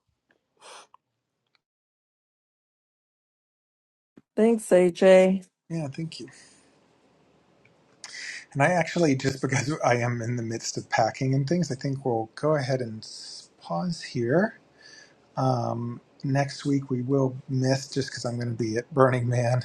Thanks, AJ. Yeah, thank you. And I actually just because I am in the midst of packing and things, I think we'll go ahead and s- pause here. Um, next week we will miss just because I'm going to be at Burning Man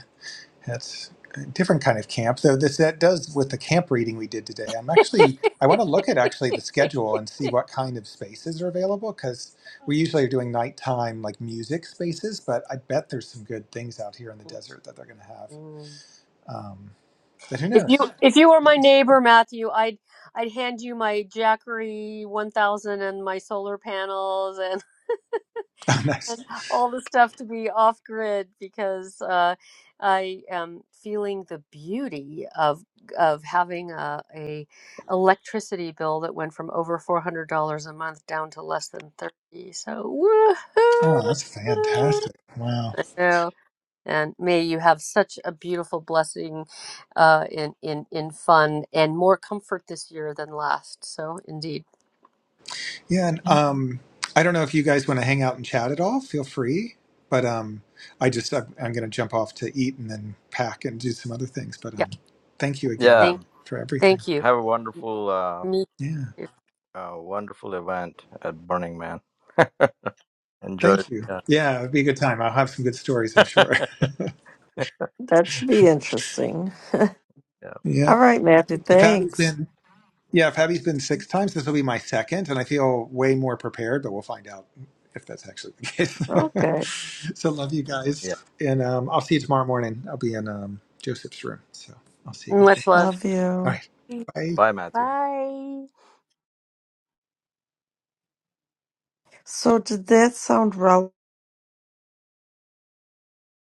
That's a different kind of camp, though. This that does with the camp reading we did today. I'm actually I want to look at actually the schedule and see what kind of spaces are available because we usually are doing nighttime like music spaces, but I bet there's some good things out here in the desert that they're going to have. Mm. Um, but who If you knows? if you were my neighbor, Matthew, I'd I'd hand you my Jackery 1000 and my solar panels and, Oh, and nice! all the stuff to be off grid because uh, I am feeling the beauty of of having a, a electricity bill that went from over four hundred dollars a month down to less than thirty. So Oh, that's woohoo! fantastic! Wow. know, and may you have such a beautiful blessing uh, in in in fun and more comfort this year than last. So indeed, Yeah, and um, I don't know if you guys want to hang out and chat at all. Feel free, but um, I just I'm, I'm going to jump off to eat and then pack and do some other things. But yeah. um, thank you again Yeah, Thank for everything. thank you. have a wonderful, uh, Me Yeah, too. uh, wonderful event at Burning Man. Enjoy. thank you. Yeah. Yeah, it'd be a good time. I'll have some good stories, I'm sure. That should be interesting. yeah, All yeah, right, Matthew, Fabi's thanks. been yeah Fabi's been six times. This will be my second, and I feel way more prepared. But we'll find out if that's actually the Okay. case. so love you guys, yeah. and um, I'll see you tomorrow morning. I'll be in um, Joseph's room. So I'll see you guys then. Much love. Love All you. right. Bye. Bye, Matthew. Bye. So did that sound relevant?